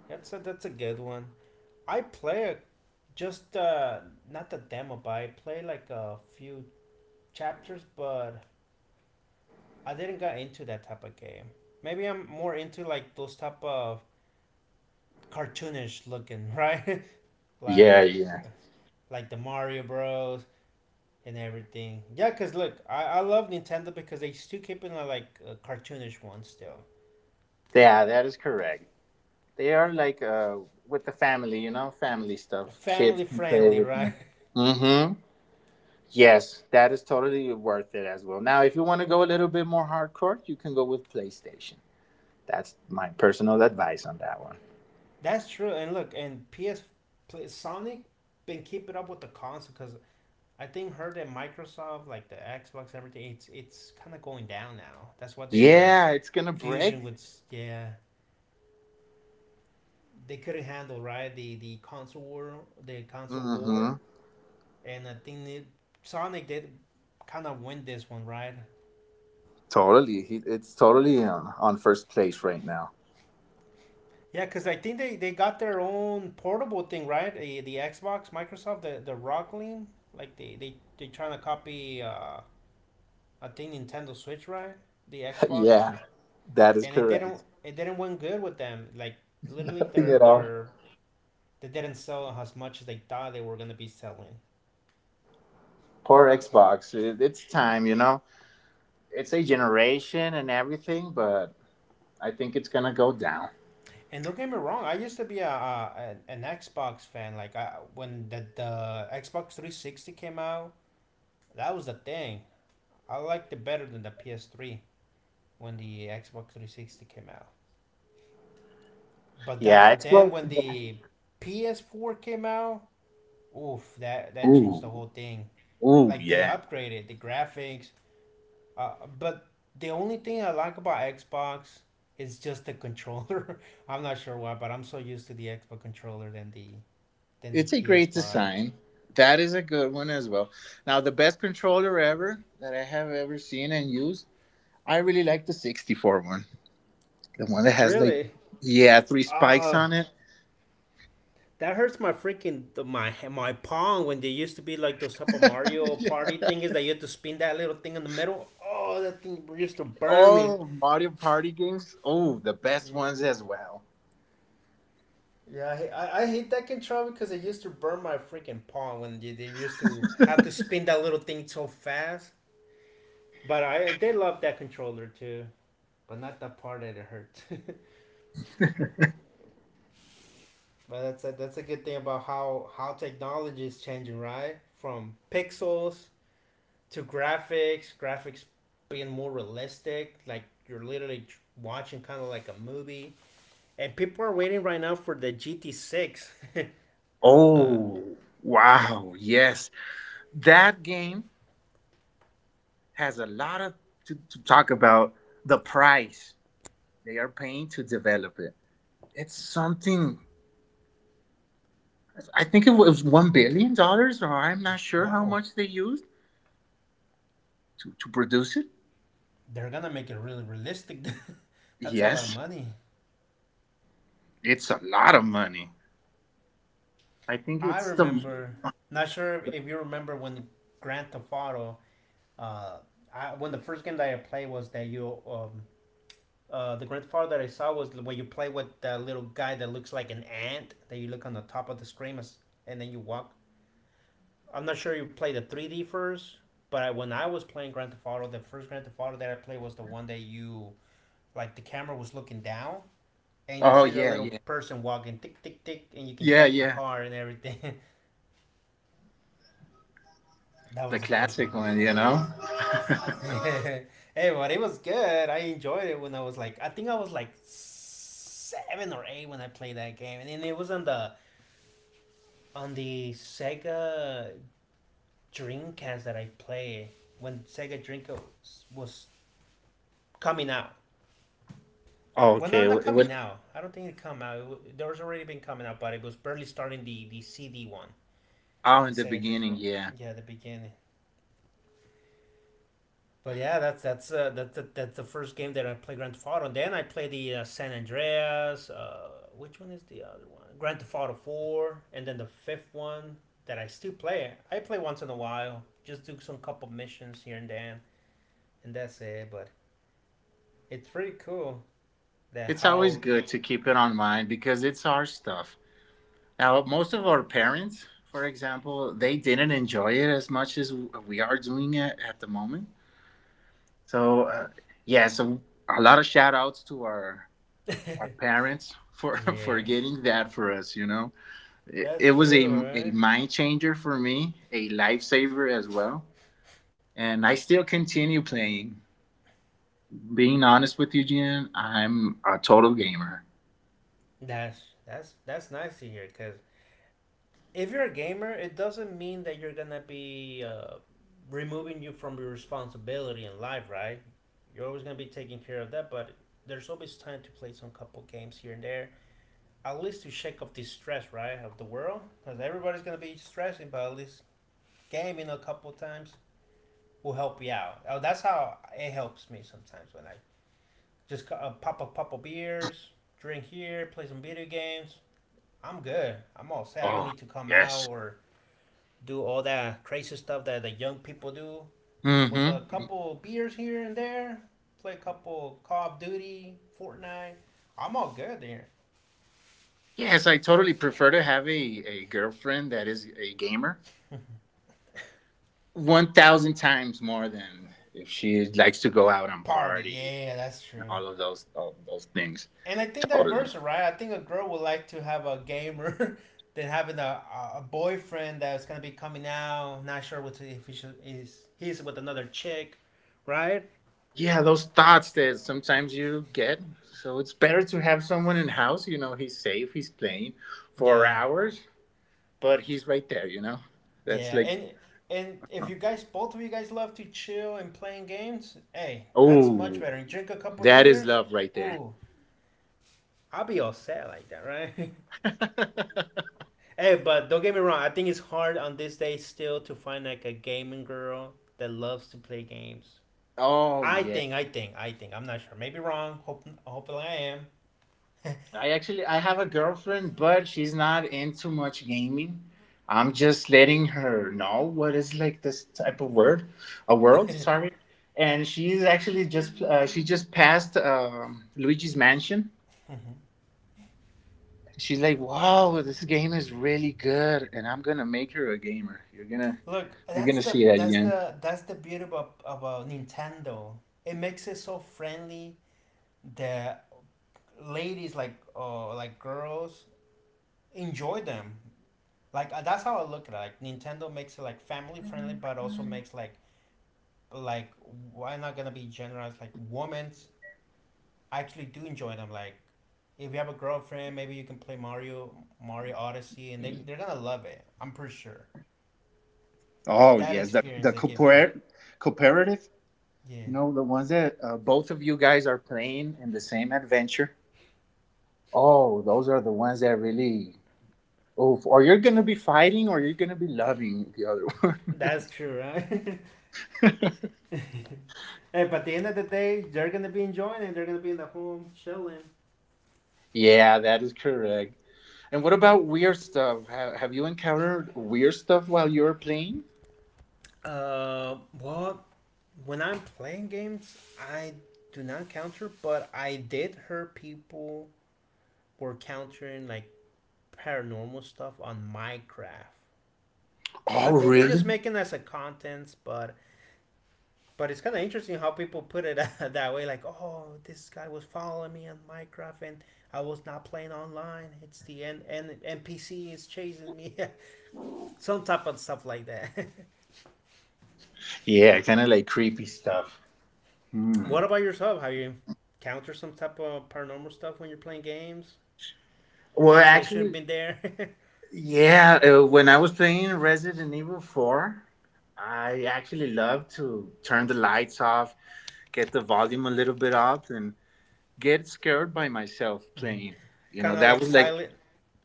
That's a that's a good one. I play a, just uh not the demo, but I play like a few chapters, but I didn't get into that type of game. Maybe I'm more into like those type of cartoonish looking, right?
Yeah,
Like
yeah.
uh, like the Mario Bros and everything. Yeah, cause look, I, I love Nintendo because they still keeping a, like a cartoonish one still,
Yeah, that is correct. They are like uh, with the family, you know, family stuff. Kids
family
can play
friendly,
with
right?
you. Mm hmm. Yes, that is totally worth it as well. Now, if you want to go a little bit more hardcore, you can go with PlayStation. That's my personal advice on that one.
That's true. And look, and P S play, Sonic been keeping up with the console because I think her and Microsoft, like the Xbox, everything, it's it's kind of going down now. That's what their
Yeah, it's gonna
fusion
break.
was. Yeah, they couldn't handle right the the console war, the console
Mm-hmm.
war, and I think it, Sonic did kind of win this one, right?
Totally, He- it's totally on, on first place right now.
Yeah, because I think they, they got their own portable thing, right? The, the Xbox, Microsoft, the the Rockling, like they they they trying to copy uh, I think Nintendo Switch, right? The Xbox
Yeah, that is
and it didn't
correct.
it didn't went good with them. Like literally,
Nothing
they're
at all.
they're they didn't sell as much as they thought they were gonna be selling.
Poor Xbox. It- It's time, you know. It's a generation and everything, but I think it's gonna go down.
And don't get me wrong, I used to be a, a an Xbox fan. Like I, when the the Xbox three sixty came out, that was the thing. I liked it better than the P S three when the Xbox three sixty came out. But
Yeah,
that
it's
then
going.
when the P S four came out, oof, that that changed the
Ooh,
whole thing.
ooh,
Like they
yeah.
upgraded the graphics. Uh, but the only thing I like about Xbox is just the controller. I'm not sure why, but I'm so used to the Xbox controller than the than the
It's a great
P S five.
design. That is a good one as well. Now, the best controller ever that I have ever seen and used, I really like the sixty-four one. The one that has like,
Really?
yeah, three spikes
Uh,
on it.
that hurts my freaking my my palm when they used to be like those type of Mario Party
Yeah.
thing is that you had to spin that little thing in the middle. Oh, that thing used to burn me.
Oh, Mario Party games. Oh, the best ones as
Yeah.
well.
Yeah, I, I, I hate that controller because it used to burn my freaking palm when they, they used to have to spin that little thing so fast. But I, I did love that controller too, but not the part that it hurts. But that's a, that's a good thing about how how technology is changing, right? From pixels to graphics, graphics being more realistic, like you're literally watching kind of like a movie. And people are waiting right now for the G T six. uh,
Oh, wow. Yes. That game has a lot of to, to talk about the price they are paying to develop it. It's something I think it was one billion dollars, or I'm not sure how
wow,
much they used to, to produce it.
they're gonna make it really realistic. That's a lot of
Yes,
money.
it's a lot of money. I think
I
it's the.
remember, not sure if you remember when Grand Theft Auto. Uh, I, when the first game that I played was that you um, uh, the grandfather I saw was when you play with that little guy that looks like an ant that you look on the top of the screen as- and then you walk. I'm not sure you played the three D first, but I, when I was playing Grand Theft Auto, the first Grand Theft Auto that I played was the one that you like the camera was looking down and you
Oh,
see the
yeah,
little
yeah,
person walking tick tick tick and you can
yeah,
check the
yeah,
car and everything. That
the
was the first
classic
one that I
one, you
played.
know.
Yeah. Hey, but it was good. I enjoyed it when I was like, I think I was like seven or eight when I played that game, and then it was on the on the Sega Dreamcast that I played when Sega Dreamcast was coming out. Well,
okay,
no,
w-
not
it would
coming out. I don't think it come out. It, w- there was already been coming out, but it was barely starting the the C D one,
Oh,
the
in the
Sega
beginning,
Dreamcast.
yeah.
Yeah, the beginning. But yeah, that's that's uh, that's the, that's the first game that I play Grand Theft Auto. Then I play the uh, San Andreas. Uh, which one is the other one? Grand Theft Auto Four, and then the fifth one that I still play. I play once in a while, just do some couple missions here and there, and that's it. But it's pretty cool that
It's always
how.
good to keep it on mind because it's our stuff. Now, most of our parents, for example, they didn't enjoy it as much as we are doing it at the moment. So uh, yeah, so a lot of shout outs to our our parents for for
Yeah,
getting that for us you know it, it
that's
was a,
true.
a
Right?
mind changer for me, a lifesaver as well, and I still continue playing. Being honest with you, Jen, I'm a total gamer.
That's that's that's nice to hear because if you're a gamer, it doesn't mean that you're gonna be uh, removing you from your responsibility in life, right? You're always gonna be taking care of that, but there's always time to play some couple games here and there, at least to shake off the stress, right, of the world, because everybody's gonna be stressing, but at least gaming a couple times will help you out. Oh, that's how it helps me sometimes when I just uh, pop a pop of beers, drink here, play some video games. I'm good. I'm all set. I don't
Oh
need to come out
yes.
or do all that crazy stuff that the young people do
Mm
with a
hmm.
couple beers here and there, play a couple Call of Duty, Fortnite. I'm all good there.
Yes, I totally prefer to have a, a girlfriend that is a gamer one thousand times more than if she likes to go out and
Party,
party
yeah, that's
and
true.
all of those all of those things.
And I think
Totally.
diverse, right? I think a girl would like to have a gamer than having a, a boyfriend that's gonna be coming out, not sure what to, if he should, is he's with another chick, right?
Yeah, those thoughts that sometimes you get. So it's better to have someone in house, you know, he's safe, he's playing for
Yeah.
hours, but he's right there, you know. That's
Yeah,
like.
and and if you guys, both of you guys, love to chill and playing games, hey, that's much
Oh,
better. And drink a couple of
that is
beers.
love right there.
Ooh, I'll be all set like that, right? Hey, but don't get me wrong. I think it's hard on this day still to find like a gaming girl that loves to play games.
Oh
I
yeah.
think, I think, I think. I'm not sure. Maybe wrong. Hope, hopefully, I am.
I actually i have a girlfriend, but she's not into much gaming. I'm just letting her know what is like this type of word, a world, sorry. And she's actually just uh, she just passed um, Luigi's Mansion.
Mm-hmm.
She's like, "Wow, this game is really good," and I'm gonna make her a gamer. You're gonna
Look,
you're
that's
gonna
the
see that
that's
again.
the that's the beauty about about Nintendo. It makes it so friendly that ladies like uh like girls enjoy them. Like uh, that's how I look at it. Like Nintendo makes it like family friendly, but also makes like like why not gonna be generous? Like women actually do enjoy them. Like if you have a girlfriend, maybe you can play Mario Mario Odyssey, and they they're gonna love it. I'm pretty sure
Oh
that
yes, the
experience
the
they give you.
cooperative, cooperative. You
Yeah.
know the ones that uh, both of you guys are playing in the same adventure. Oh, those are the ones that really. Oh, or you're gonna be fighting, or you're gonna be loving the other one.
That's true, right? Hey, but at the end of the day, they're gonna be enjoying it. They're gonna be in the home chilling.
Yeah, that is correct. And what about weird stuff? Have, have you encountered weird stuff while you're playing?
Uh, well, when I'm playing games, I do not counter, but I did hear people were countering like paranormal stuff on Minecraft. I
Oh,
think they're just
really?
making us a contents, but but it's kind of interesting how people put it that way. Like, oh, this guy was following me on Minecraft, and I was not playing online. It's the N- N- NPC is chasing me. Some type of stuff like that.
Yeah, kind of like creepy stuff. Hmm.
What about yourself? Have you encountered some type of paranormal stuff when you're playing games?
Well,
Things that shouldn't
actually,
been there.
yeah. uh, When I was playing Resident Evil Four, I actually love to turn the lights off, get the volume a little bit up, and get scared by myself playing. You know,
Kind of
that
like
was like,
silent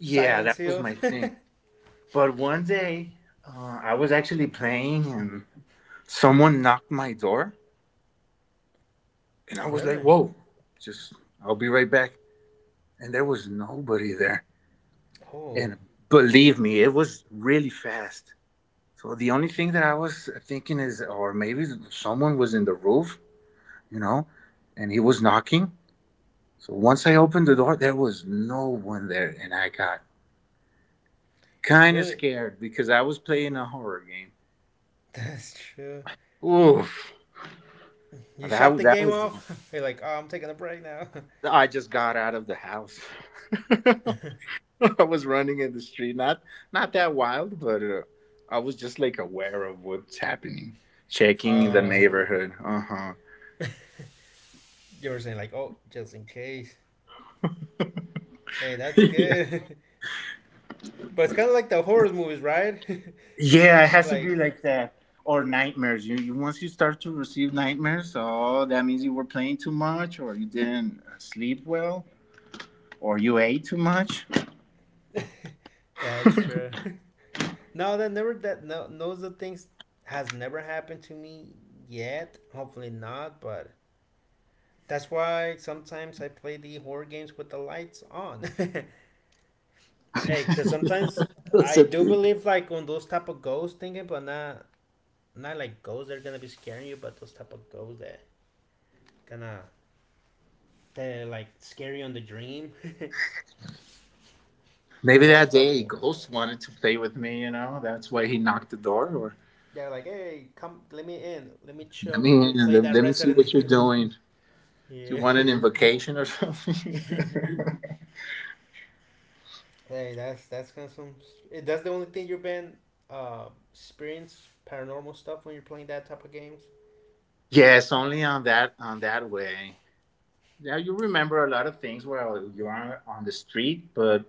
yeah,
Silence
that was
Hill.
my thing. But one day, uh, I was actually playing, and someone knocked my door, and I was like,
Really?
"Whoa!" Just, I'll be right back. And there was nobody there.
Oh,
And believe me, it was really fast. So the only thing that I was thinking is, or maybe someone was in the roof, you know, and he was knocking. So once I opened the door, there was no one there, and I got kind of
really?
scared because I was playing a horror game.
That's true.
Oof!
You shut
That
the
that
game
was the.
off. You're like, oh, I'm taking a break now.
I just got out of the house. I was running in the street, not not that wild, but uh, I was just like aware of what's happening, checking the
uh,
neighborhood. Uh huh.
you were saying like, oh, just in case. Hey, that's
Yeah.
good. But it's kind of like the horror movies, right?
Yeah, it has to be
Like
like that. Or nightmares. You, you once you start to receive nightmares, oh, that means you were playing too much, or you didn't uh, sleep well, or you ate too much.
that's true. No, that never that no those the things has never happened to me yet. Hopefully not, but that's why sometimes I play the horror games with the lights on. Hey, because sometimes
That's
I
a
do
thing.
believe like on those type of ghost thinking, but not not like ghosts that are gonna be scaring you, but those type of ghosts that gonna that like scare you on the dream.
Maybe
Those
that
type
day
of
a
ones.
ghost wanted to play with me. You know, that's why he knocked the door. Or
Yeah, like hey, come, let me in, let me
let
chill
me
with you,
in.
play
Let,
that
let me see
Resident
what you're doing. Do you
Evil.
want
Yeah.
an invocation or something?
Hey, that's that's kind of some. That's the only thing you've been uh, experience paranormal stuff when you're playing that type of games.
Yes, only on that on that way. Yeah, you remember a lot of things while you are on the street, but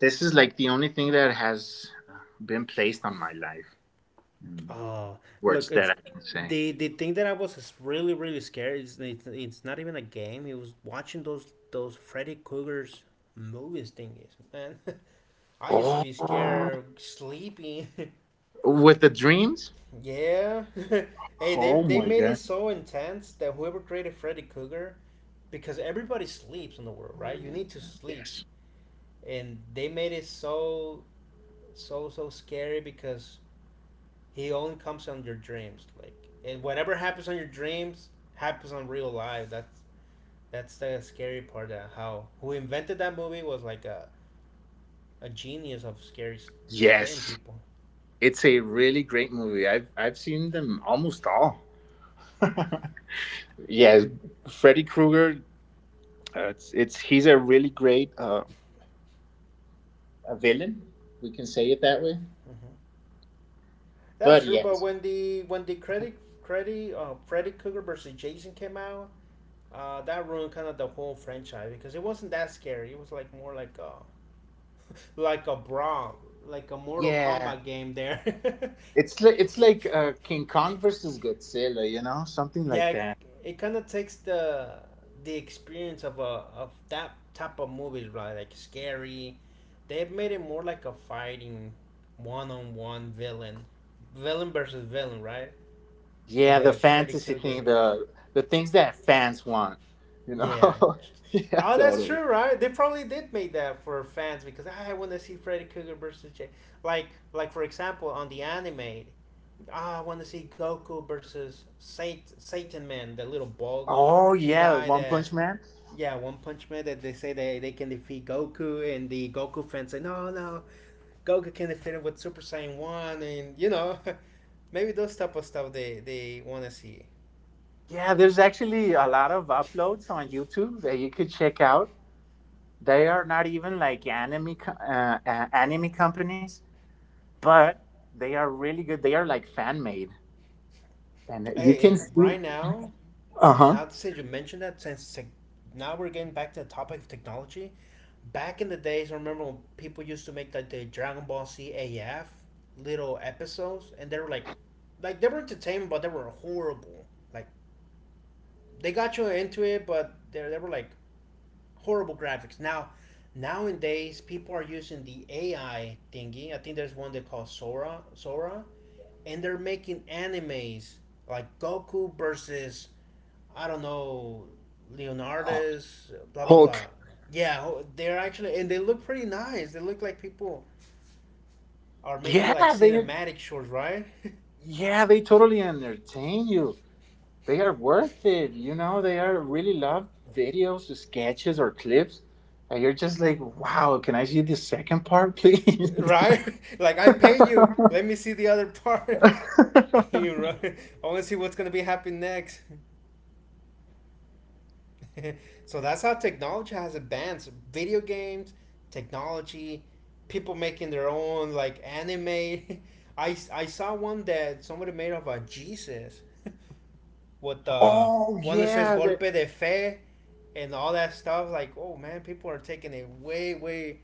this is like the only thing that has uh, been placed on my life. In
Oh,
words
look,
that
it's
I can say.
the the thing that I was really really scared. It's, it's it's not even a game. It was watching those those Freddy Krueger's movies thingies. Man, I used to be
Oh,
scared sleeping.
with the dreams.
Yeah. Hey, they
Oh
they
my
made it
god.
so intense that whoever created Freddy Krueger, because everybody sleeps in the world, right? You need to sleep,
Yes.
and they made it so so so scary because he only comes on your dreams, like, and whatever happens on your dreams happens on real life. That's that's the scary part. Of how who invented that movie was like a, a genius of scary scaring
Yes.
people.
It's a really great movie. I've I've seen them almost all. Yes, Freddy Krueger. Uh, it's it's he's a really great uh, a villain. We can say it that way.
Mm-hmm. That's
But
true. But
yes.
when the when the credit credit uh, Freddy Krueger versus Jason came out, uh, that ruined kind of the whole franchise because it wasn't that scary. It was like more like a like a brawl, like a Mortal
Yeah,
Kombat game there.
it's like it's like uh, King Kong versus Godzilla, you know, something
Yeah,
like
it,
that.
it kind of takes the the experience of a of that type of movies, right? Like scary. They've made it more like a fighting, one on one villain, villain versus villain, right? When
Yeah, the
the Freddy
fantasy
Krueger.
thing, the the things that fans want, you
Yeah.
know. Yeah,
Oh, that's
totally.
true, right? They probably did make that for fans because, "Ah, I want to see Freddy Krueger versus Jay." Like, like for example, on the anime, ah, I want to see Goku versus Sat- Satan Man, the little bald
Oh yeah,
guy
One
that.
Punch Man.
Yeah, One Punch Man that they say they, they can defeat Goku, and the Goku fans say no, no, Goku can defeat him with Super Saiyan one, and you know, maybe those type of stuff they they want to see.
Yeah, there's actually a lot of uploads on YouTube that you could check out. They are not even like anime co- uh, uh, anime companies, but they are really good. They are like fan made, and you
Hey,
can
and
see.
right now,
Uh huh.
not since you mentioned that, since tech- now we're getting back to the topic of technology. Back in the days, I remember when people used to make like the Dragon Ball Z A F little episodes, and they were like, like they were entertainment, but they were horrible. Like they got you into it, but they they were like horrible graphics. Now, nowadays, people are using the A I thingy. I think there's one they call Sora, Sora, and they're making animes like Goku versus, I don't know, Leonardo's blah blah
Hulk.
blah. Yeah, oh, they're actually, and they look pretty nice. They look like people are making like
Yeah, they.
cinematic shorts, right?
Yeah, they totally entertain you. They are worth it. You know, they are really love videos, sketches, or clips. And you're just like, wow, can I see the second part, please?
Right? Like, I pay you. Let me see the other part. You right? I want to see what's gonna be happening next. So that's how technology has advanced. Video games, technology, people making their own like anime. I, I saw one that somebody made of a Jesus with the
Oh,
one that says
yeah.
golpe
The,
de fe and all that stuff. Like, oh man, people are taking it way, way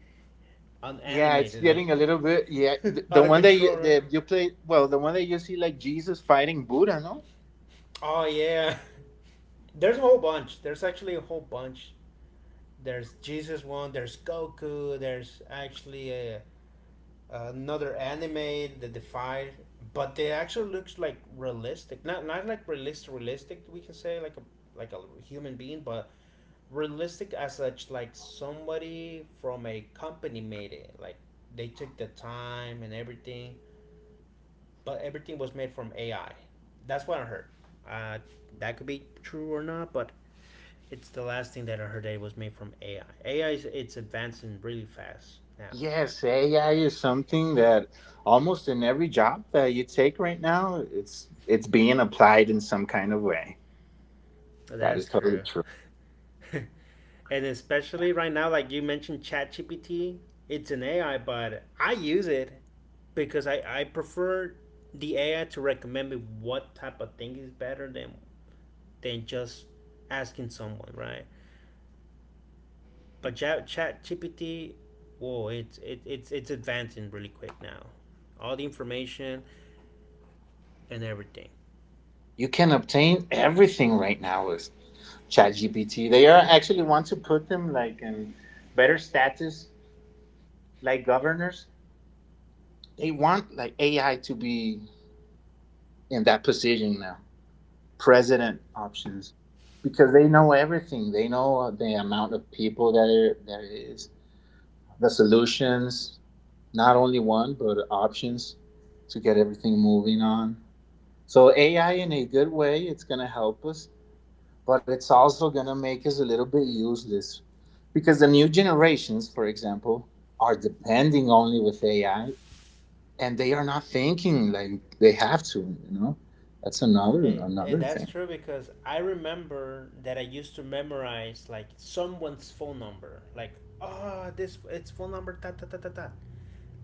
yeah, it's
unanimated, like
getting a little bit. Yeah. The, the
out of
one that
control,
you,
right?
the, you play, well, the one that you see like Jesus fighting Buddha, no?
Oh yeah. There's a whole bunch. There's actually a whole bunch. There's Jesus one, there's Goku, there's actually a another anime, The Defy, but they actually looks like realistic. Not not like realistic, realistic. We can say like a like a human being, but realistic as such. Like somebody from a company made it. Like they took the time and everything, but everything was made from A I. That's what I heard. Uh, that could be true or not, but it's the last thing that I heard, that it was made from A I. A I is it's advancing really fast now.
Yes, A I is something that almost in every job that you take right now, it's it's being applied in some kind of way. That
That's
is totally
true.
true.
And especially right now, like you mentioned ChatGPT, it's an A I, but I use it because I, I prefer the A I to recommend me what type of thing is better than than just asking someone, right? But chat ChatGPT, whoa, it's it, it's it's advancing really quick now. All the information and everything.
You can obtain everything right now with ChatGPT. They are actually want to put them like in better status, like governors. They want like A I to be in that position now, president options, because they know everything. They know the amount of people that are, there is, the solutions, not only one but options to get everything moving on. So A I in a good way, it's gonna help us, but it's also gonna make us a little bit useless because the new generations for example are depending only with A I and they are not thinking like they have to, you know. That's another
And, and
another
that's
thing.
true, because I remember that I used to memorize like someone's phone number. Like, oh, this it's phone number ta ta ta ta ta.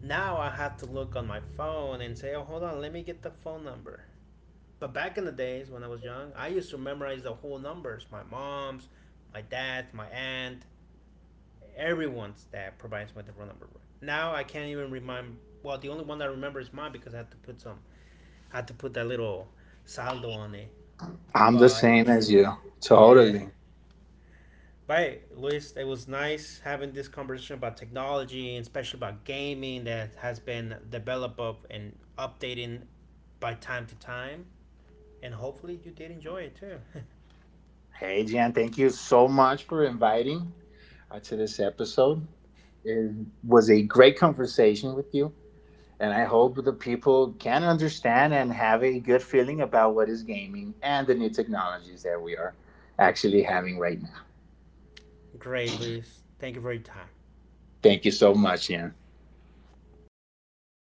Now I have to look on my phone and say, oh, hold on, let me get the phone number. But back in the days when I was young, I used to memorize the whole numbers. My mom's, my dad's, my aunt, everyone's that provides me the phone number. Now I can't even remind. Well, the only one I remember is mine because I had to put some, I had to put that little saldo on it,
I'm the
but
same as you.
yeah.
Totally.
But hey, Luis, it was nice having this conversation about technology and especially about gaming that has been developed up and updating by time to time. And hopefully you did enjoy it too.
Hey Jan, thank you so much for inviting uh, to this episode. It was a great conversation with you, and I hope the people can understand and have a good feeling about what is gaming and the new technologies that we are actually having right now.
Great, Luis. Thank you for your time.
Thank you so much Jan.